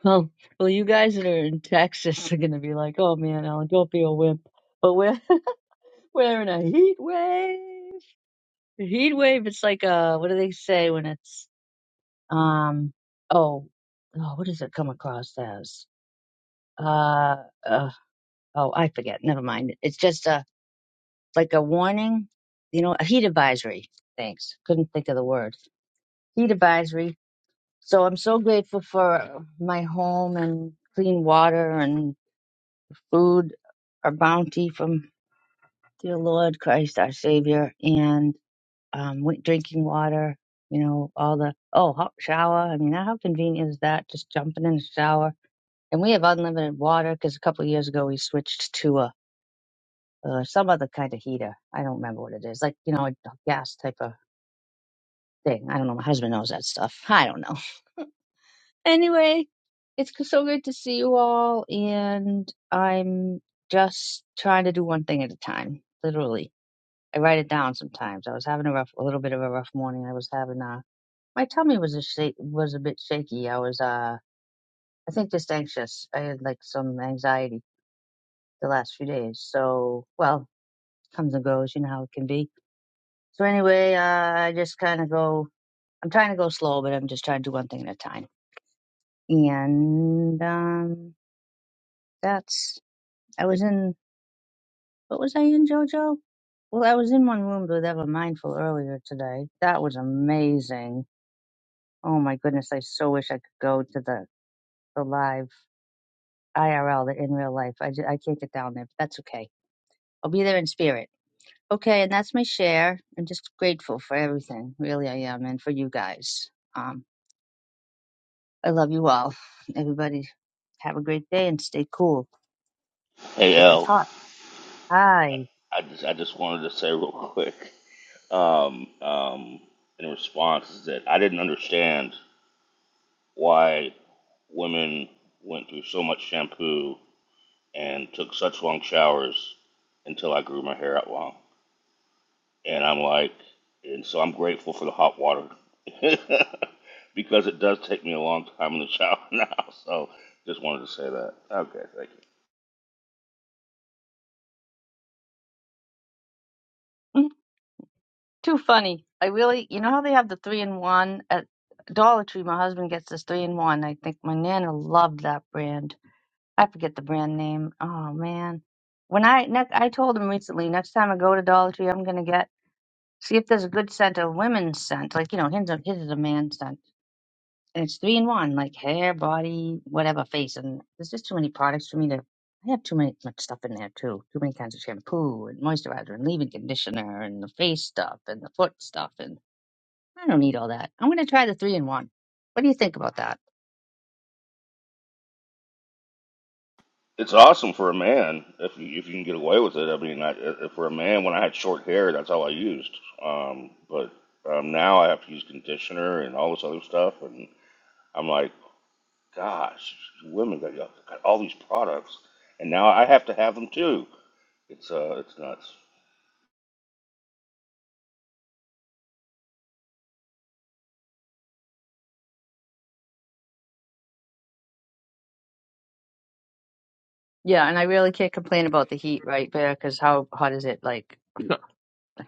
Speaker 10: well well you guys that are in texas are going to be like oh man alan don't be a wimp but we're *laughs* we're in a heat wave The heat wave it's like uh what do they say when it's um oh oh what does it come across as uh, uh oh i forget never mind it's just a like a warning you know a heat advisory thanks couldn't think of the word heat advisory so i'm so grateful for my home and clean water and food our bounty from dear lord christ our savior and um wa- drinking water you know all the oh hot shower i mean how convenient is that just jumping in the shower and we have unlimited water because a couple of years ago we switched to a uh, some other kind of heater. I don't remember what it is. Like, you know, a gas type of thing. I don't know. My husband knows that stuff. *laughs* I don't know. *laughs* Anyway, it's g- so good to see you all. And I'm just trying to do one thing at a time, literally. I write it down sometimes. I was having a rough, a little bit of a rough morning. I was having, uh, my tummy was a shake, was a bit shaky. I was, uh, I think just anxious. I had like some anxiety the last few days. So, well, comes and goes. You know how it can be So anyway, uh, I just kind of go. I'm trying to go slow, but I'm just trying to do one thing at a time. And um, that's. I was in. What was I in, JoJo? Well, I was in one room with Ever Mindful earlier today. That was amazing. Oh my goodness, I so wish I could go to the the live IRL, the in real life. I ju- I can't get down there, but that's okay. I'll be there in spirit. Okay, and that's my share. I'm just grateful for everything. Really, I am, and for you guys. Um, I love you all. Everybody have a great day and stay cool.
Speaker 7: Hey
Speaker 10: If it's
Speaker 7: L,
Speaker 10: hot, hi.
Speaker 7: I just I just wanted to say real quick, um, um, in response is that I didn't understand why women went through so much shampoo and took such long showers until I grew my hair out long, and I'm like, and so I'm grateful for the hot water *laughs* because it does take me a long time in the shower *laughs* now. So just wanted to say that. Okay, thank you.
Speaker 10: Mm, Too funny. I really, you know how they have the three in one at Dollar Tree. My husband gets this three in one. I think my nana loved that brand. I forget the brand name. Oh man. When I next, I told him recently, next time I go to Dollar Tree, I'm gonna get see if there's a good scent, a women's scent, like you know, his his is a man's scent and it's three in one, like hair, body, whatever, face. And there's just too many products for me to. I have too many much stuff in there too. Too many kinds of shampoo and moisturizer and leave-in conditioner and the face stuff and the foot stuff and I don't need all that. I'm gonna try the three in one. What do you think about that?
Speaker 7: It's awesome for a man if you, if you can get away with it. I mean, I, if for a man, when I had short hair, that's all I used. Um, but um, now I have to use conditioner and all this other stuff, and I'm like, gosh, women got, got all these products, and now I have to have them too. It's uh, it's nuts.
Speaker 10: Yeah, and I really can't complain about the heat right there because how hot is it? Like, *laughs* *clears throat* I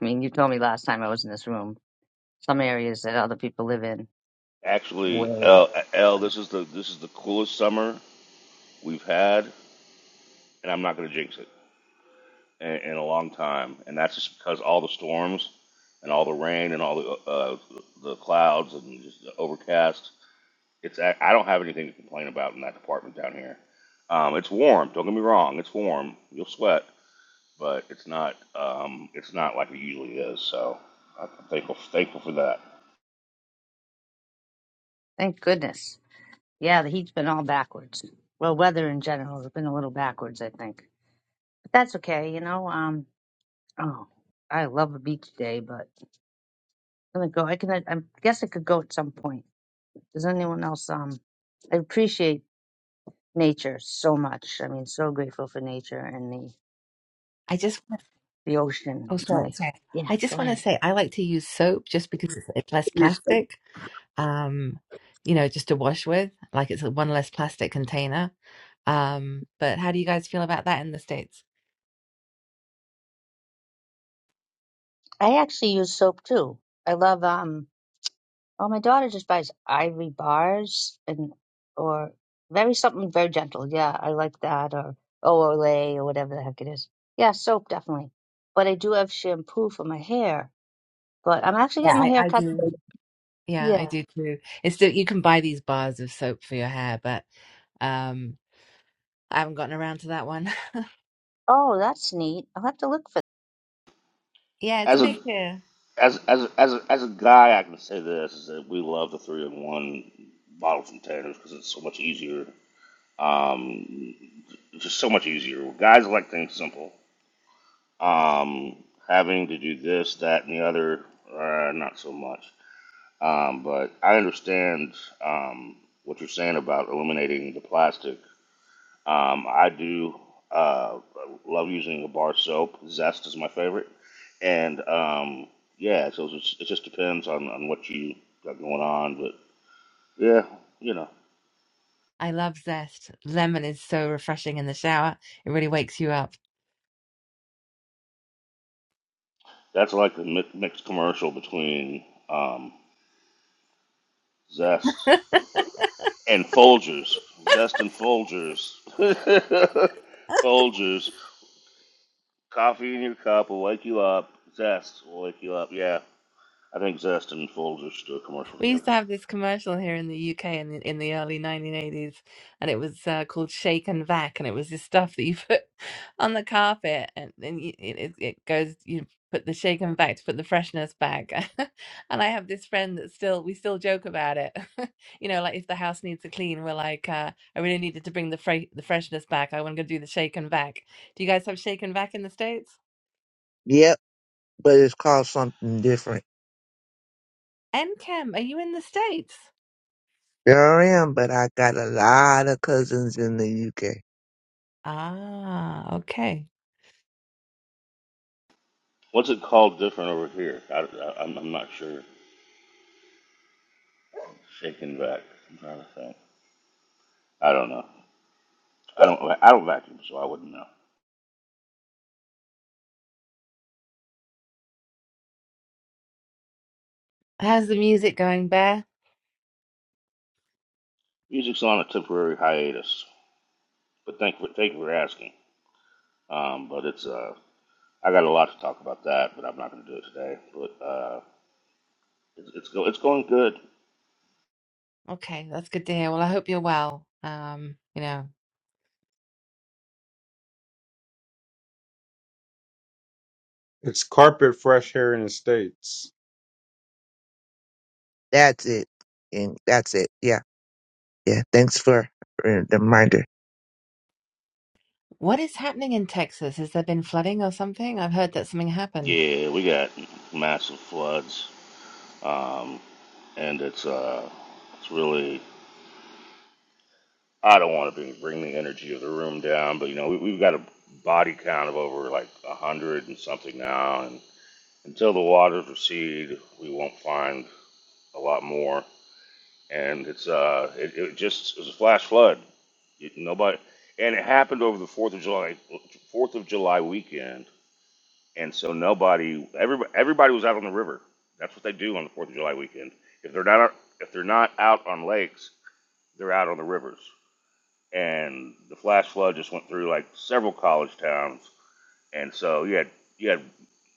Speaker 10: mean, you told me last time I was in this room some areas that other people live in
Speaker 7: Actually,
Speaker 10: way.
Speaker 7: L, L, this is the this is the coolest summer we've had, and I'm not gonna jinx it. in, in a long time, and that's just because all the storms and all the rain and all the uh, the clouds and just the overcast. It's I I don't have anything to complain about in that department down here. Um, it's warm. Don't get me wrong. It's warm. You'll sweat, but it's not um, it's not like it usually is. So I'm thankful thankful for that.
Speaker 10: Thank goodness. Yeah, the heat's been all backwards. Well, weather in general has been a little backwards, I think. But that's okay, you know. Um, oh, I love a beach day, but I'm gonna go. I can. I I guess I could go at some point. Does anyone else? Um, I appreciate nature so much. I mean, so grateful for nature and the
Speaker 5: I just want-
Speaker 10: the ocean.
Speaker 5: oh
Speaker 10: It's
Speaker 5: sorry
Speaker 10: My
Speaker 5: sorry.
Speaker 10: yeah.
Speaker 5: I just
Speaker 10: Go
Speaker 5: want to
Speaker 10: ahead.
Speaker 5: say I like to use soap just because it's, it's less
Speaker 10: Yeah.
Speaker 5: plastic, um, you know, just to wash with. Like it's a one less plastic container. Um, but how do you guys feel about that in the States?
Speaker 10: I actually use soap too. I love um. Well, my daughter just buys ivory bars and or very something very gentle. Yeah, I like that or Olay or whatever the heck it is. Yeah, soap definitely. But I do have shampoo for my hair. But I'm actually
Speaker 5: Yeah,
Speaker 10: getting my
Speaker 5: I,
Speaker 10: hair
Speaker 5: I
Speaker 10: cut.
Speaker 5: do.
Speaker 10: today.
Speaker 5: Yeah,
Speaker 10: Yeah.
Speaker 5: I do too. It's still you can buy these bars of soap for your hair, but um I haven't gotten around to that one. *laughs*
Speaker 10: Oh, that's neat. I'll have to look for
Speaker 5: Yeah, it's
Speaker 7: As a
Speaker 5: big here.
Speaker 7: as as as a, as a guy, I can say this is that we love the three in one bottle containers because it's so much easier. Um, It's just so much easier. Guys like things simple. Um, having to do this, that, and the other, uh, not so much. Um, but I understand um, what you're saying about eliminating the plastic. Um, I do uh, love using a bar soap. Zest is my favorite, and um, yeah, so it's just, it just depends on, on what you got going on. But yeah, you know,
Speaker 5: I love zest. Lemon is so refreshing in the shower. It really wakes you up.
Speaker 7: that's like the mi- mixed commercial between um, Zest and Folgers, Zestin Folgers, *laughs* Folgers, coffee in your cup will wake you up. Zest will wake you up. Yeah, I think Zest and Folgers should do a commercial
Speaker 5: We
Speaker 7: together.
Speaker 5: used to have this commercial here in the UK in the, in the early 1980s, and it was uh, called Shake and Vac, and it was this stuff that you put *laughs* on the carpet, and then you, it, it it goes. You put the Shake and Vac to put the freshness back. *laughs* and I have this friend that still we still joke about it. *laughs* you know, like if the house needs a clean, we're like, uh, I really needed to bring the fre- the freshness back. I want to do the Shake and Vac. Do you guys have Shake and Vac in the states?
Speaker 8: Yep, but it's called something different.
Speaker 5: And Cam, are you in the states?
Speaker 8: Sure am, but I got a lot of cousins in the UK.
Speaker 5: Ah, okay.
Speaker 7: What's it called different over here? I, am I'm I'm not sure. Shaking back. I'm trying to think. I don't know. I don't. I don't vacuum, so I wouldn't know.
Speaker 5: How's the music going, Bear?
Speaker 7: Music's on a temporary hiatus, but thank for thank you for asking. Um, but it's uh, I got a lot to talk about that, but I'm not going to do it today. But uh, it's, it's go it's going good.
Speaker 5: Okay, that's good to hear. Well, I hope you're well. Um, you know,
Speaker 4: It's carpet fresh here in the states.
Speaker 8: That's it, and that's it. Yeah, yeah. Thanks for for the reminder.
Speaker 5: what is happening in Texas? Has there been flooding or something? I've heard that something happened.
Speaker 7: Yeah, we got massive floods, um, and it's uh, it's really I don't want to be, bring the energy of the room down, but you know we, we've got a body count of over like a hundred and something now, and until the waters recede, we won't find a lot more. And it's uh, it, it just it was a flash flood. It, nobody, and it happened over the Fourth of July Fourth of July weekend and so nobody, everybody, everybody was out on the river. That's what they do on the Fourth of July weekend. If they're not, if they're not out on lakes, they're out on the rivers. And the flash flood just went through like several college towns, and so you had you had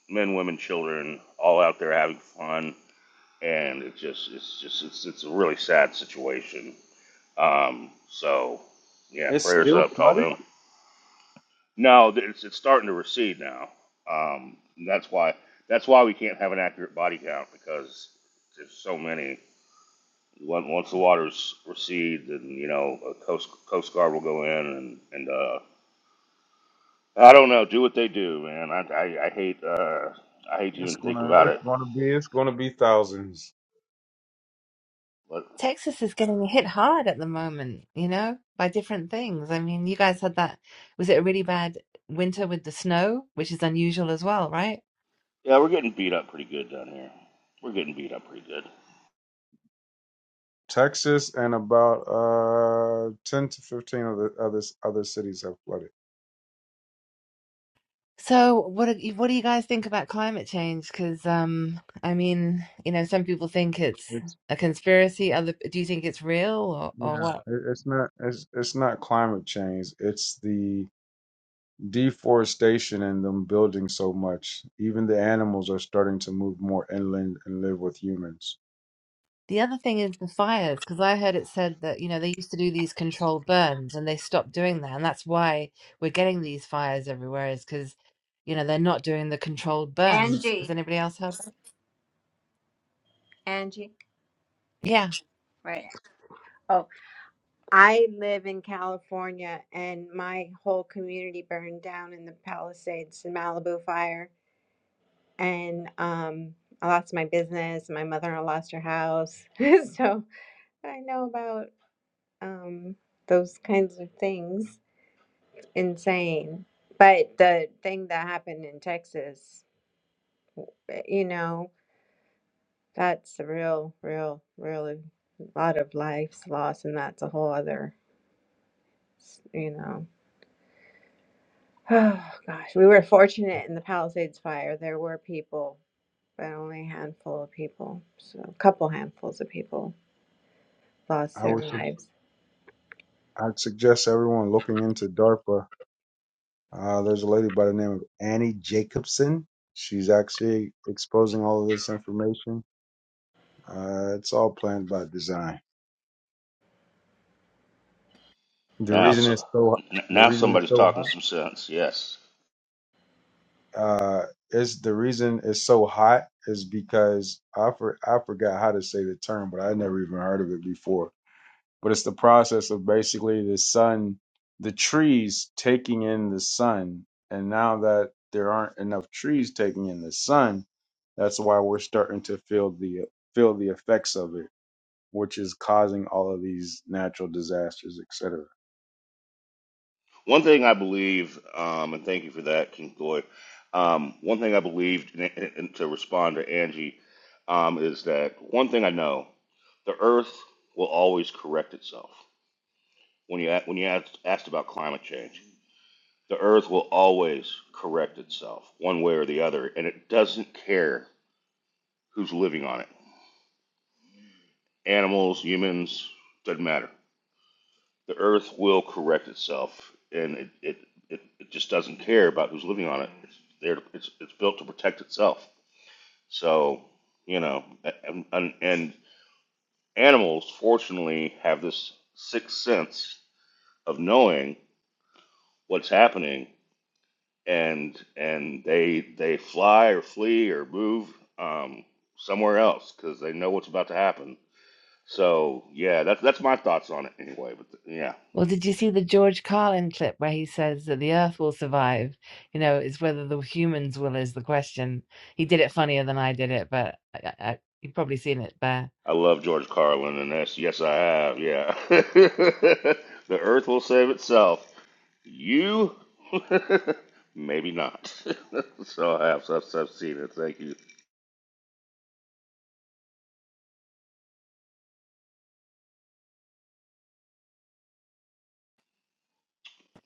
Speaker 7: men, women, children all out there having fun, and it just it's just it's it's a really sad situation. Um, so yeah,
Speaker 4: It's
Speaker 7: prayers
Speaker 4: still
Speaker 7: up to all
Speaker 4: flooded.
Speaker 7: them. No, th- it's, it's starting to recede now. Um, and that's why that's why we can't have an accurate body count because there's so many. Once once the waters recede, then you know a coast coast guard will go in and and uh, I don't know, do what they do, man. I I, I hate uh, I hate to
Speaker 4: It's
Speaker 7: even think
Speaker 4: gonna
Speaker 7: about
Speaker 4: it's
Speaker 7: it.
Speaker 4: gonna be it's gonna be thousands.
Speaker 7: But
Speaker 5: Texas is getting hit hard at the moment, you know, by different things. I mean, you guys had that, was it a really bad winter with the snow, which is unusual as well, right?
Speaker 7: yeah, we're getting beat up pretty good down here. We're getting beat up pretty good
Speaker 4: Texas and about uh ten to fifteen of the other other cities have flooded.
Speaker 5: So, what do you, what do you guys think about climate change? Because, um, I mean, you know, some people think it's
Speaker 4: It's
Speaker 5: a conspiracy. Other, do you think it's real or, or
Speaker 4: yeah,
Speaker 5: what?
Speaker 4: it, it's not it's it's not climate change. It's the deforestation and them building so much, even the animals are starting to move more inland and live with humans.
Speaker 5: The other thing is the fires, because I heard it said that, you know, they used to do these controlled burns and they stopped doing that. And that's why we're getting these fires everywhere, is because, you know, they're not doing the controlled burns. Has
Speaker 9: Angie,
Speaker 5: anybody else heard that?
Speaker 9: Angie,
Speaker 5: Yeah.
Speaker 9: right? Oh, I live in California, and my whole community burned down in the Palisades, the Malibu fire, and um, I lost my business. My mother-in-law lost her house, *laughs* so I know about um those kinds of things. Insane, but the thing that happened in Texas, eh, you know. That's a real, real, really lot of lives lost, and that's a whole other, you know. *sighs* Oh gosh, we were fortunate in the Palisades fire. There were people, but only a handful of people, so a couple handfuls of people lost
Speaker 4: I
Speaker 9: their
Speaker 4: would su-
Speaker 9: lives.
Speaker 4: I'd suggest everyone looking into DARPA. Uh, there's a lady by the name of Annie Jacobson. She's actually exposing all of this information. Uh, it's all planned by design. The
Speaker 7: now.
Speaker 4: reason
Speaker 7: So
Speaker 4: it's so
Speaker 7: n-
Speaker 4: the
Speaker 7: now
Speaker 4: reason it's
Speaker 7: somebody's
Speaker 4: so
Speaker 7: talking
Speaker 4: hot
Speaker 7: some sense. Yes.
Speaker 4: uh, is the reason it's so hot is because I for, I forgot how to say the term, but I never even heard of it before but it's the process of basically the sun, the trees taking in the sun. And now that there aren't enough trees taking in the sun, that's why we're starting to feel the feel the effects of it, which is causing all of these natural disasters, etc.
Speaker 7: One thing I believe, um, and thank you for that, King Floyd. Um, one thing I believed, and, and to respond to Angie, um, is that one thing I know: the Earth will always correct itself. When you a- when you asked, asked about climate change, the Earth will always correct itself, one way or the other, and it doesn't care who's living on it. Animals, humans, doesn't matter. The earth will correct itself, and it, it, it, it just doesn't care about who's living on it. It's there. To, it's it's built to protect itself. So you know, and, and, and animals fortunately have this sixth sense of knowing what's happening, and and they they fly or flee or move um, somewhere else because they know what's about to happen. So yeah, that's that's my thoughts on it anyway. But the, yeah.
Speaker 5: Well, did you see the George Carlin clip where he says that the earth will survive? You know, it's whether the humans will is the question. He did it funnier than I did it, but I, I, you've probably seen it there.
Speaker 7: I love George Carlin, and that's yes, I have. Yeah, *laughs* the Earth will save itself. You, *laughs* maybe not. *laughs* so I have. so I've, so I've seen it. Thank you.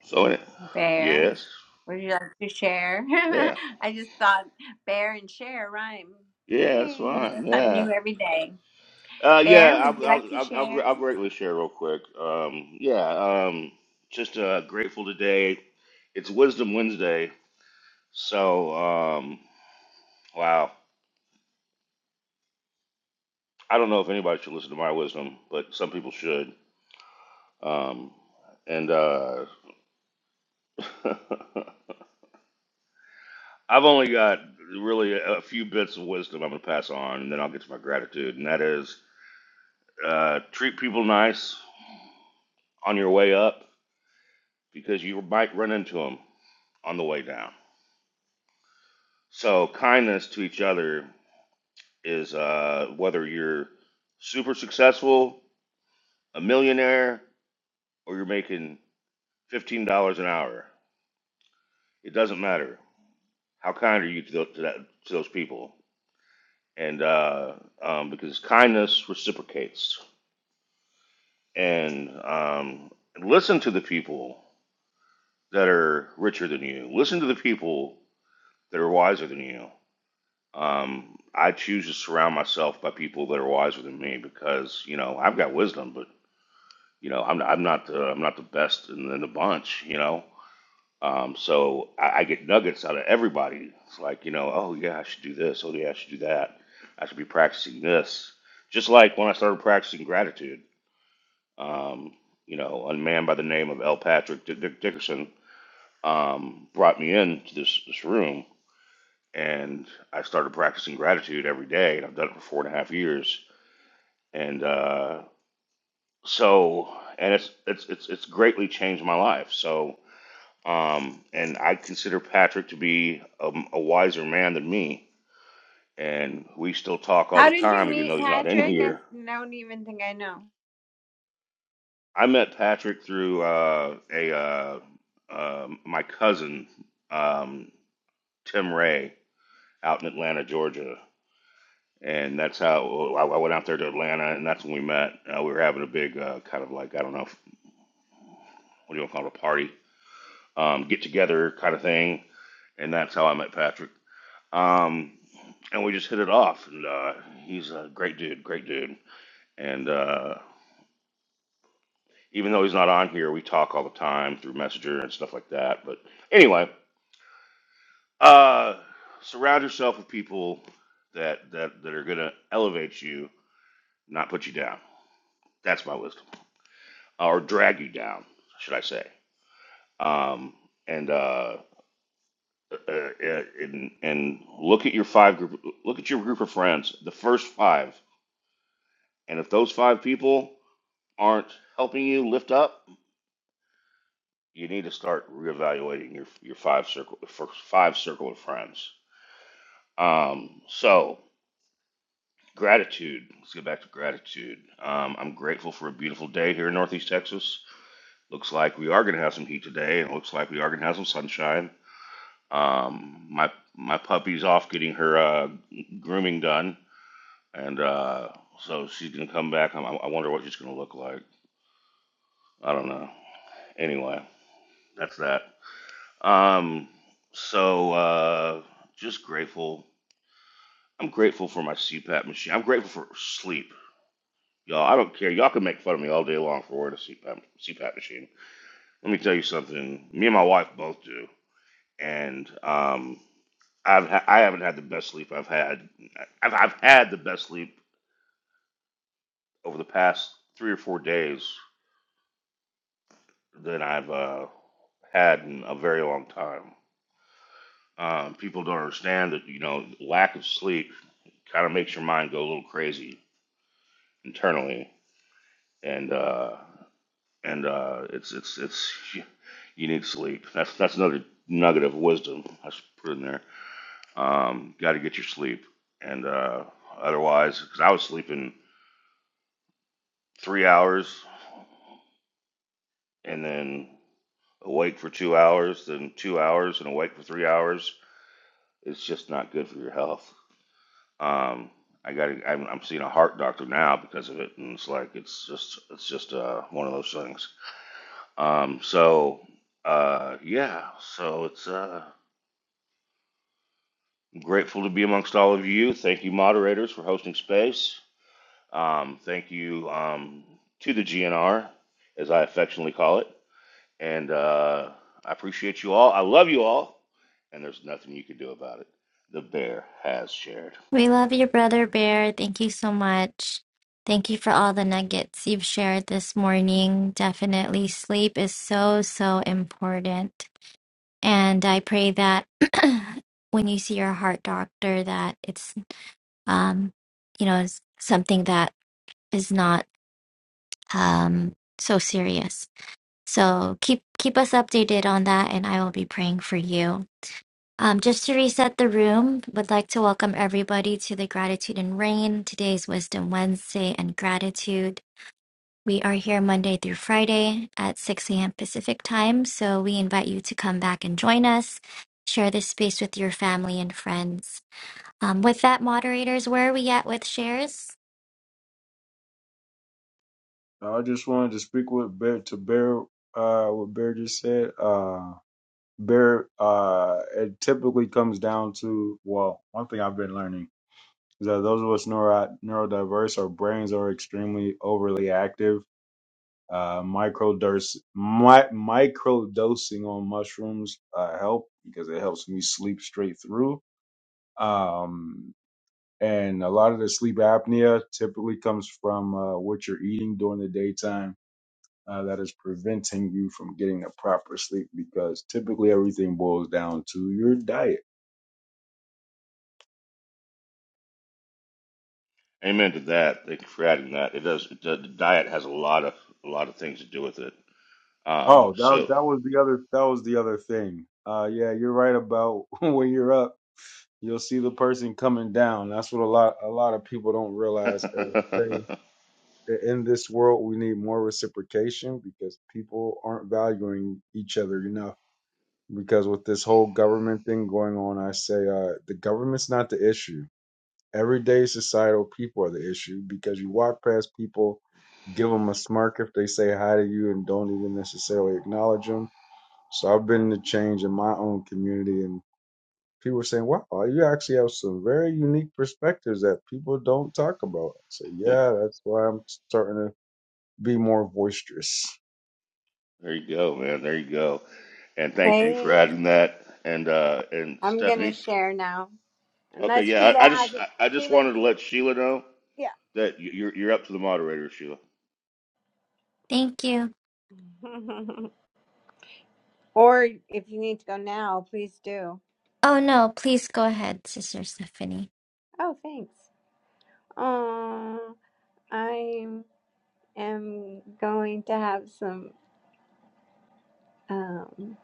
Speaker 7: So any-
Speaker 9: Bear,
Speaker 7: yes,
Speaker 9: would you like to share?
Speaker 7: yeah,
Speaker 9: *laughs* I just thought bear and share rhyme.
Speaker 7: yeah, that's
Speaker 9: Hey, you learn
Speaker 7: fine.
Speaker 9: something new
Speaker 7: Yeah,
Speaker 9: every day.
Speaker 7: uh,
Speaker 9: Bear,
Speaker 7: yeah.
Speaker 9: would
Speaker 7: I'll,
Speaker 9: you like
Speaker 7: I'll,
Speaker 9: to
Speaker 7: I'll, I'll, gr-
Speaker 9: share?
Speaker 7: I'll greatly share real quick. Um, yeah, um, just uh, grateful today. It's Wisdom Wednesday, so um, wow. I don't know if anybody should listen to my wisdom, but some people should. Um, and uh, *laughs* I've only got really a few bits of wisdom I'm going to pass on, and then I'll get to my gratitude. And that is uh, treat people nice on your way up because you might run into them on the way down. So, kindness to each other is uh, whether you're super successful, a millionaire, or you're making $15 an hour. It doesn't matter. How kind are you to, those, to, that, to those people? and uh, um, because kindness reciprocates. And um, listen to the people that are richer than you. Listen to the people that are wiser than you. Um, I choose to surround myself by people that are wiser than me because you know I've got wisdom, but you know I'm I'm not the, I'm not the best in, in the bunch. You know, Um, so I, I get nuggets out of everybody. It's like, you know, oh yeah, I should do this. Oh yeah, I should do that. I should be practicing this. Just like when I started practicing gratitude, um, you know, a man by the name of L. Patrick Dick Dick Dickerson um, brought me into this, this room, and I started practicing gratitude every day, and I've done it for four and a half years. And uh, so, and it's it's it's it's greatly changed my life. So Um, and I consider Patrick to be a, a wiser man than me. And we still talk all
Speaker 9: How
Speaker 7: the
Speaker 9: did you
Speaker 7: time, even
Speaker 9: meet
Speaker 7: though he's not in
Speaker 9: Patrick? I
Speaker 7: here.
Speaker 9: don't even think I know.
Speaker 7: I met Patrick through uh, a uh, uh, my cousin um, Tim Ray out in Atlanta, Georgia, and that's how I, I went out there to Atlanta, and that's when we met. Uh, we were having a big uh, kind of like I don't know what do you want to call it a party, um, get together kind of thing, and that's how I met Patrick. Um, and we just hit it off. And uh, he's a great dude, great dude. And uh, even though he's not on here, we talk all the time through Messenger and stuff like that. But anyway, uh, surround yourself with people that that that are gonna elevate you, not put you down. That's my wisdom, or drag you down, should I say? Um, and uh, uh, uh, and and look at your five group, look at your group of friends, the first five, and if those five people aren't helping you lift up, you need to start reevaluating your your five circle for five circle of friends. Um, so gratitude. Let's get back to gratitude. Um, I'm grateful for a beautiful day here in Northeast Texas. Looks like we are gonna have some heat today, and it looks like we are gonna have some sunshine. Um, my my puppy's off getting her uh, grooming done, and uh, so she's gonna come back. I, I wonder what she's gonna look like. I don't know. Anyway, that's that. Um, so uh, just grateful. I'm grateful for my CPAP machine. I'm grateful for sleep, y'all. I don't care. Y'all can make fun of me all day long for wearing a CPAP CPAP machine. Let me tell you something. Me and my wife both do, and um, I've ha- I haven't had the best sleep I've had. I've, I've had the best sleep over the past three or four days than I've uh, had in a very long time. Um, people don't understand that you know lack of sleep kind of makes your mind go a little crazy internally, and uh, and uh, it's it's it's you need sleep. That's that's another nugget of wisdom I should put in there. Um, Got to get your sleep, and uh, otherwise, because I was sleeping three hours and then awake for two hours, then two hours and awake for three hours. It's just not good for your health. Um, I got I'm, I'm seeing a heart doctor now because of it, and it's like it's just it's just uh, one of those things. Um, so uh, yeah, so it's uh, I'm grateful to be amongst all of you. Thank you, moderators, for hosting space. Um, thank you um, to the GNR, as I affectionately call it, and uh, I appreciate you all. I love you all, and there's nothing you can do about it. The bear has shared.
Speaker 11: We love you, brother Bear. Thank you so much. Thank you for all the nuggets you've shared this morning. Definitely, sleep is so, so important. And I pray that *clears throat* when you see your heart doctor, that it's, um, you know, it's something that is not um, so serious. So keep keep us updated on that, and I will be praying for you. Um, just to reset the room, would like to welcome everybody to the Gratitude and Rain. Today's Wisdom Wednesday and Gratitude. We are here Monday through Friday at 6 a.m. Pacific time, so we invite you to come back and join us. Share this space with your family and friends. Um, with that, moderators, where are we at with shares?
Speaker 4: I just wanted to speak with Bear to Bear uh what Bear just said. Uh Bear uh it typically comes down to well, one thing I've been learning is that those of us neuro, neurodiverse, our brains are extremely overly active. Uh, microdose, mi- microdosing on mushrooms uh, help because it helps me sleep straight through. Um, and a lot of the sleep apnea typically comes from uh, what you're eating during the daytime uh, that is preventing you from getting the proper sleep because typically everything boils down to your diet
Speaker 7: Amen to that. Thank you for adding that. It does. It, the diet has a lot of a lot of things to do with it. Um,
Speaker 4: Oh, that
Speaker 7: so
Speaker 4: that was the other that was the other thing. Uh, yeah, you're right about *laughs* when you're up, you'll see the person coming down. That's what a lot a lot of people don't
Speaker 7: *laughs*
Speaker 4: realize. As I say, that in this world, we need more reciprocation because people aren't valuing each other enough. Because with this whole government thing going on, I say uh, the government's not the issue. Everyday societal people are the issue because you walk past people give them a smirk if they say hi to you and don't even necessarily acknowledge them. So I've been the change in my own community, and people are saying, "Wow, you actually have some very unique perspectives that people don't talk about." I say,
Speaker 7: there
Speaker 4: "Yeah, that's why I'm starting to be more boisterous."
Speaker 7: you go, man. There you go. And thank you for
Speaker 9: Hey,
Speaker 7: adding that. And uh, and
Speaker 9: I'm gonna
Speaker 7: Stephanie.
Speaker 9: share now.
Speaker 7: Okay,
Speaker 9: Unless
Speaker 7: yeah.
Speaker 9: Sheila
Speaker 7: I, I just
Speaker 9: hasn't.
Speaker 7: I, I just
Speaker 9: Sheila,
Speaker 7: wanted
Speaker 9: do
Speaker 7: to
Speaker 9: you?
Speaker 7: let Sheila know
Speaker 9: Yeah.
Speaker 7: that you- you're you're up to the moderator, Sheila.
Speaker 11: Thank you.
Speaker 9: *laughs* or if you need to go now, please do.
Speaker 11: Oh no, please go ahead, Sister Stephanie.
Speaker 9: Oh, thanks. Um, I am going to have some um,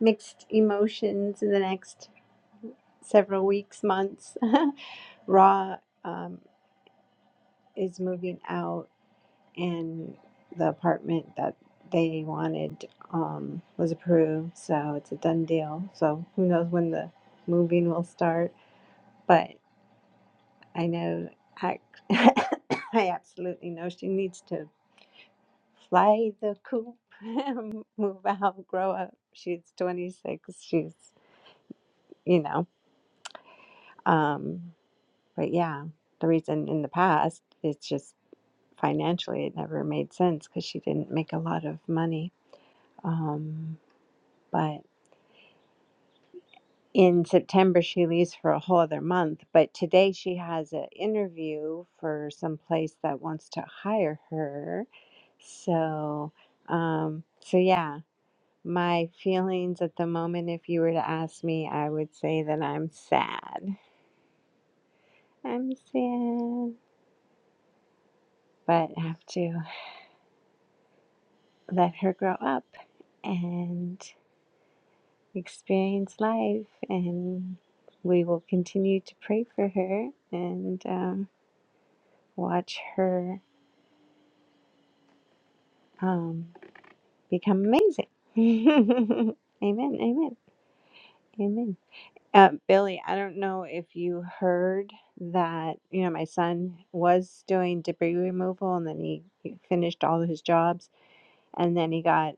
Speaker 9: mixed emotions in the next several weeks, months. *laughs* Raw um, is moving out and the apartment that they wanted um, was approved, so it's a done deal. So who knows when the moving will start? But I know I, *coughs* I absolutely know she needs to fly the coop, *laughs* move out, grow up. She's 26. She's you know, um, but yeah, the reason in the past it's just financially it never made sense because she didn't make a lot of money. Um, but in September she leaves for a whole other month, but today she has an interview for some place that wants to hire her. So, um, so yeah, my feelings at the moment, if you were to ask me, I would say that I'm sad. I'm sad, but have to let her grow up and experience life, and we will continue to pray for her and um, watch her um, become amazing. *laughs* amen, amen, amen. Uh, Billy, I don't know if you heard that, you know, my son was doing debris removal and then he, he finished all of his jobs and then he got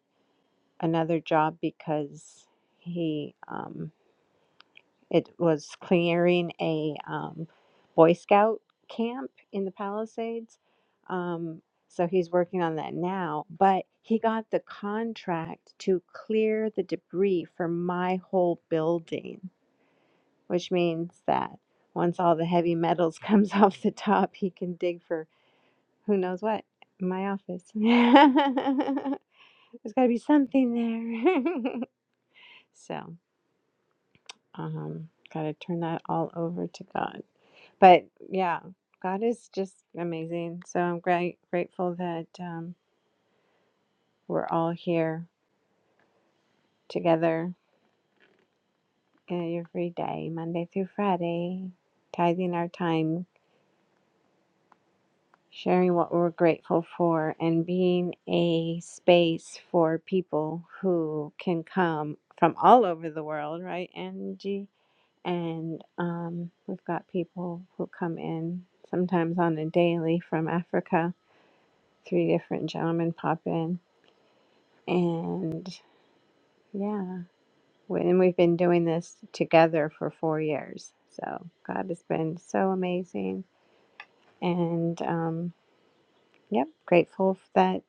Speaker 9: another job because he, um. It was clearing a um, Boy Scout camp in the Palisades. Um, so he's working on that now. But he got the contract to clear the debris for my whole building, which means that once all the heavy metals comes *laughs* off the top, he can dig for who knows what in my office. *laughs* There's got to be something there. *laughs* so, um, got to turn that all over to God. but yeah, God is just amazing. So I'm great grateful that um, we're all here together uh, every day, Monday through Friday, tithing our time, sharing what we're grateful for, and being a space for people who can come from all over the world, right, Angie? And um, we've got people who come in sometimes on a daily from Africa. Three different gentlemen pop in And yeah, we- and we've been doing this together for four years. So God has been so amazing. And um, yep, grateful that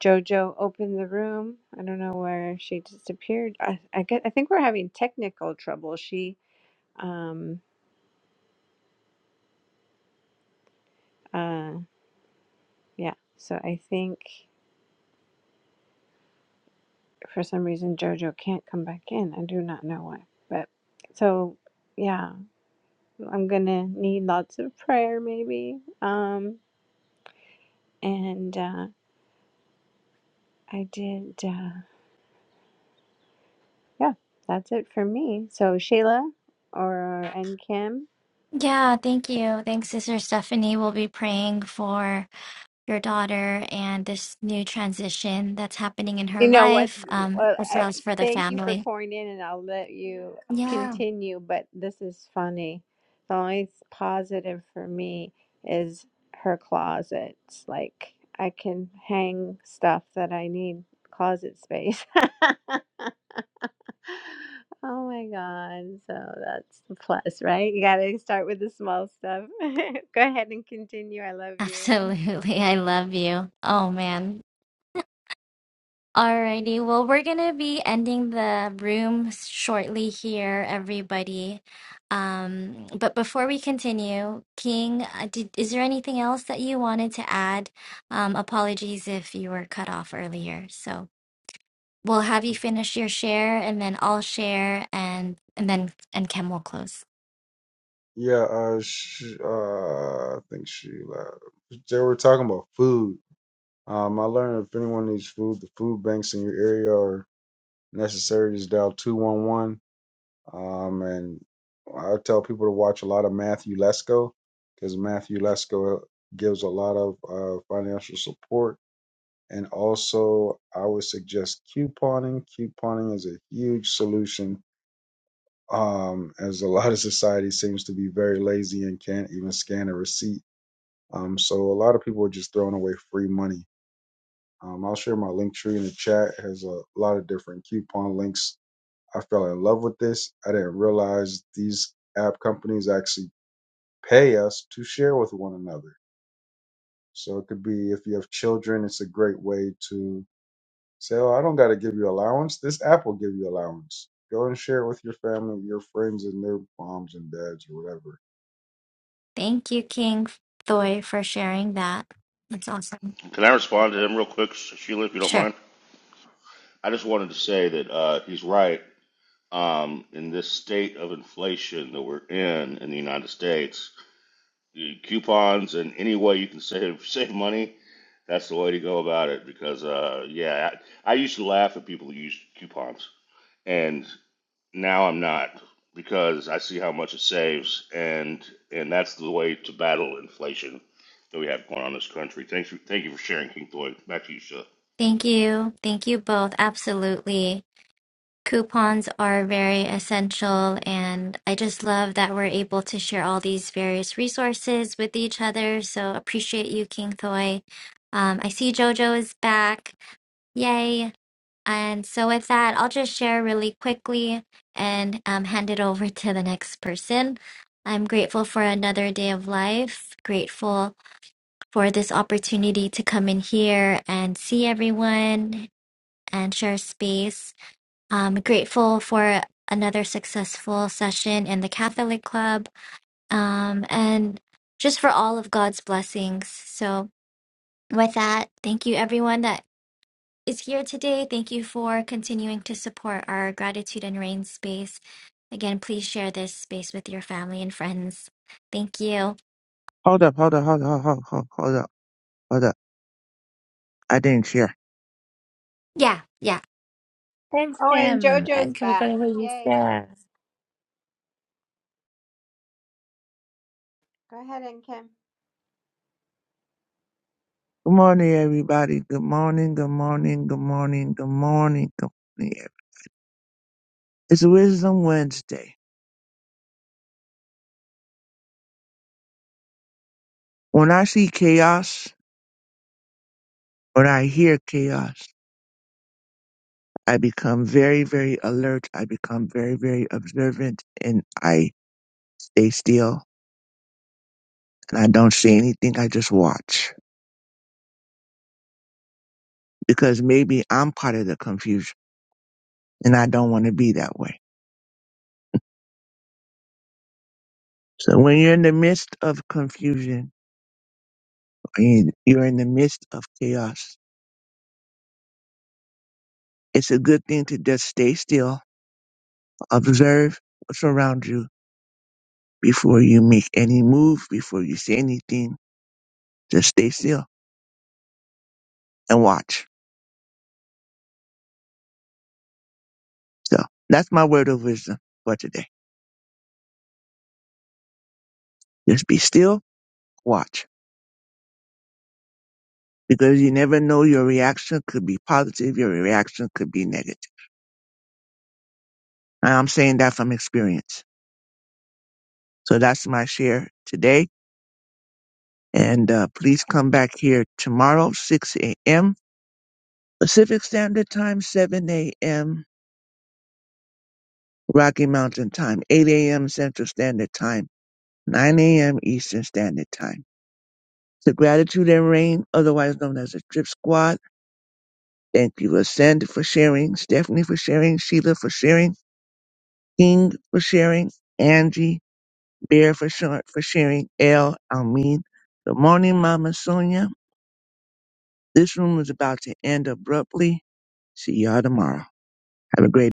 Speaker 9: JoJo opened the room. I don't know where she disappeared. I, I get. I think we're having technical trouble. She, um, uh, yeah. So I think for some reason JoJo can't come back in. I do not know why. But so yeah, I'm gonna need lots of prayer maybe. Um, And uh, I did, uh, yeah, that's it for me. So Shayla, or and Kim,
Speaker 11: Yeah, thank you. Thanks, Sister Stephanie. We'll be praying for. your daughter and this new transition that's happening in
Speaker 9: you
Speaker 11: her
Speaker 9: know what?
Speaker 11: life, um,
Speaker 9: Well,
Speaker 11: as
Speaker 9: I
Speaker 11: well as for the
Speaker 9: thank you for
Speaker 11: family.
Speaker 9: pouring in, and I'll let you
Speaker 11: Yeah,
Speaker 9: continue. But this is funny. The only positive for me is her closets. Like I can hang stuff that I need closet space. *laughs* Oh my God. So that's the plus, right? You got to start with the small stuff. *laughs* Go ahead and continue. I
Speaker 11: *laughs*
Speaker 9: love you.
Speaker 11: absolutely. I love you. Oh man. Alrighty. Well, we're gonna be ending the room shortly here, everybody. Um, but before we continue, King, uh, did, is there anything else that you wanted to add? Um, apologies if you were cut off earlier. So. We'll have you finish your share and then I'll share and and then and Kim will close.
Speaker 4: Yeah, uh, sh uh, I think she. Uh, they were talking about food. Um, I learned if anyone needs food, the food banks in your area are necessary. Just dial two one one Um, and I tell people to watch a lot of Matthew Lesko because Matthew Lesko gives a lot of uh, financial support. And also, I would suggest couponing. Couponing is a huge solution, um, as a *laughs* lot of society seems to be very lazy and can't even scan a receipt. Um, so a lot of people are just throwing away free money. Um, I'll share my link tree in the chat. It has a lot of different coupon links I fell in love with this. I didn't realize these app companies actually pay us to share with one another. So it could be if you have children, it's a great way to say, Oh, I don't got to give you allowance. This app will give you allowance. Go and share it with your family, your friends, and their moms and dads or whatever.
Speaker 11: Thank you, King Thoy, for sharing that. That's awesome.
Speaker 7: Can I respond to him real quick, Sheila, if you don't
Speaker 11: Sure.
Speaker 7: mind? I just wanted to say that uh, he's right. Um, in this state of inflation that we're in in the United States, the coupons and any way you can save *laughs* save money, that's the way to go about it. Because uh, yeah, I, I used to laugh at people who used coupons, and now I'm not because I see how much it saves, and and that's the way to battle inflation that we have going on in this country. Thanks, for, thank you for sharing, King Floyd. Back to you, Sha.
Speaker 11: Thank you. Thank you both. Absolutely. Coupons are very essential and I just love that we're able to share all these various resources with each other. So appreciate you, King Thoy. Um, I see Jojo is back. Yay. And so, with that, I'll just share really quickly and um, hand it over to the next person. I'm grateful for another day of life, grateful for this opportunity to come in here and see everyone and share space. Um, grateful for another successful session in the Catholic Club um, and just for all of God's blessings. So, with that, thank you everyone that is here today. Thank you for continuing to support our gratitude and rain space. Again, please share this space with your family and friends. Thank you.
Speaker 8: Hold up, hold up, hold up, hold up, hold up, hold up. Hold up. I didn't share.
Speaker 11: Yeah, yeah.
Speaker 5: Thanks,
Speaker 9: Oh, and
Speaker 5: Tim. And
Speaker 9: JoJo's
Speaker 5: can we go
Speaker 9: back.
Speaker 5: to where
Speaker 9: Yay.
Speaker 5: you
Speaker 9: Go ahead and Kim.
Speaker 8: Good morning, everybody. Good morning, good morning, good morning, good morning, good morning. It's Wisdom Wednesday. When I see chaos, when I hear chaos, I become very, very alert. I become very, very observant and I stay still and I don't say anything. I just watch because maybe I'm part of the confusion and I don't want to be that way. So when you're in the midst of confusion, when you're in the midst of chaos, it's a good thing to just stay still, observe what's around you before you make any move, before you say anything. Just stay still and watch So that's my word of wisdom for today. Just be still, watch, because you never know your reaction could be positive, your reaction could be negative. And I'm saying that from experience. So that's my share today. And uh, please come back here tomorrow, 6 a.m. Pacific Standard Time, 7 a.m. Rocky Mountain Time, 8 a.m. Central Standard Time, 9 a.m. Eastern Standard Time. The Gratitude and Rain, otherwise known as the Drip Squad. Thank you, Ascend, for sharing, Stephanie for sharing, Sheila for sharing, King for sharing, Angie, Bear for short for sharing, L, Almin. Good morning, Mama Sonia. This room is about to end abruptly. See y'all tomorrow. Have a great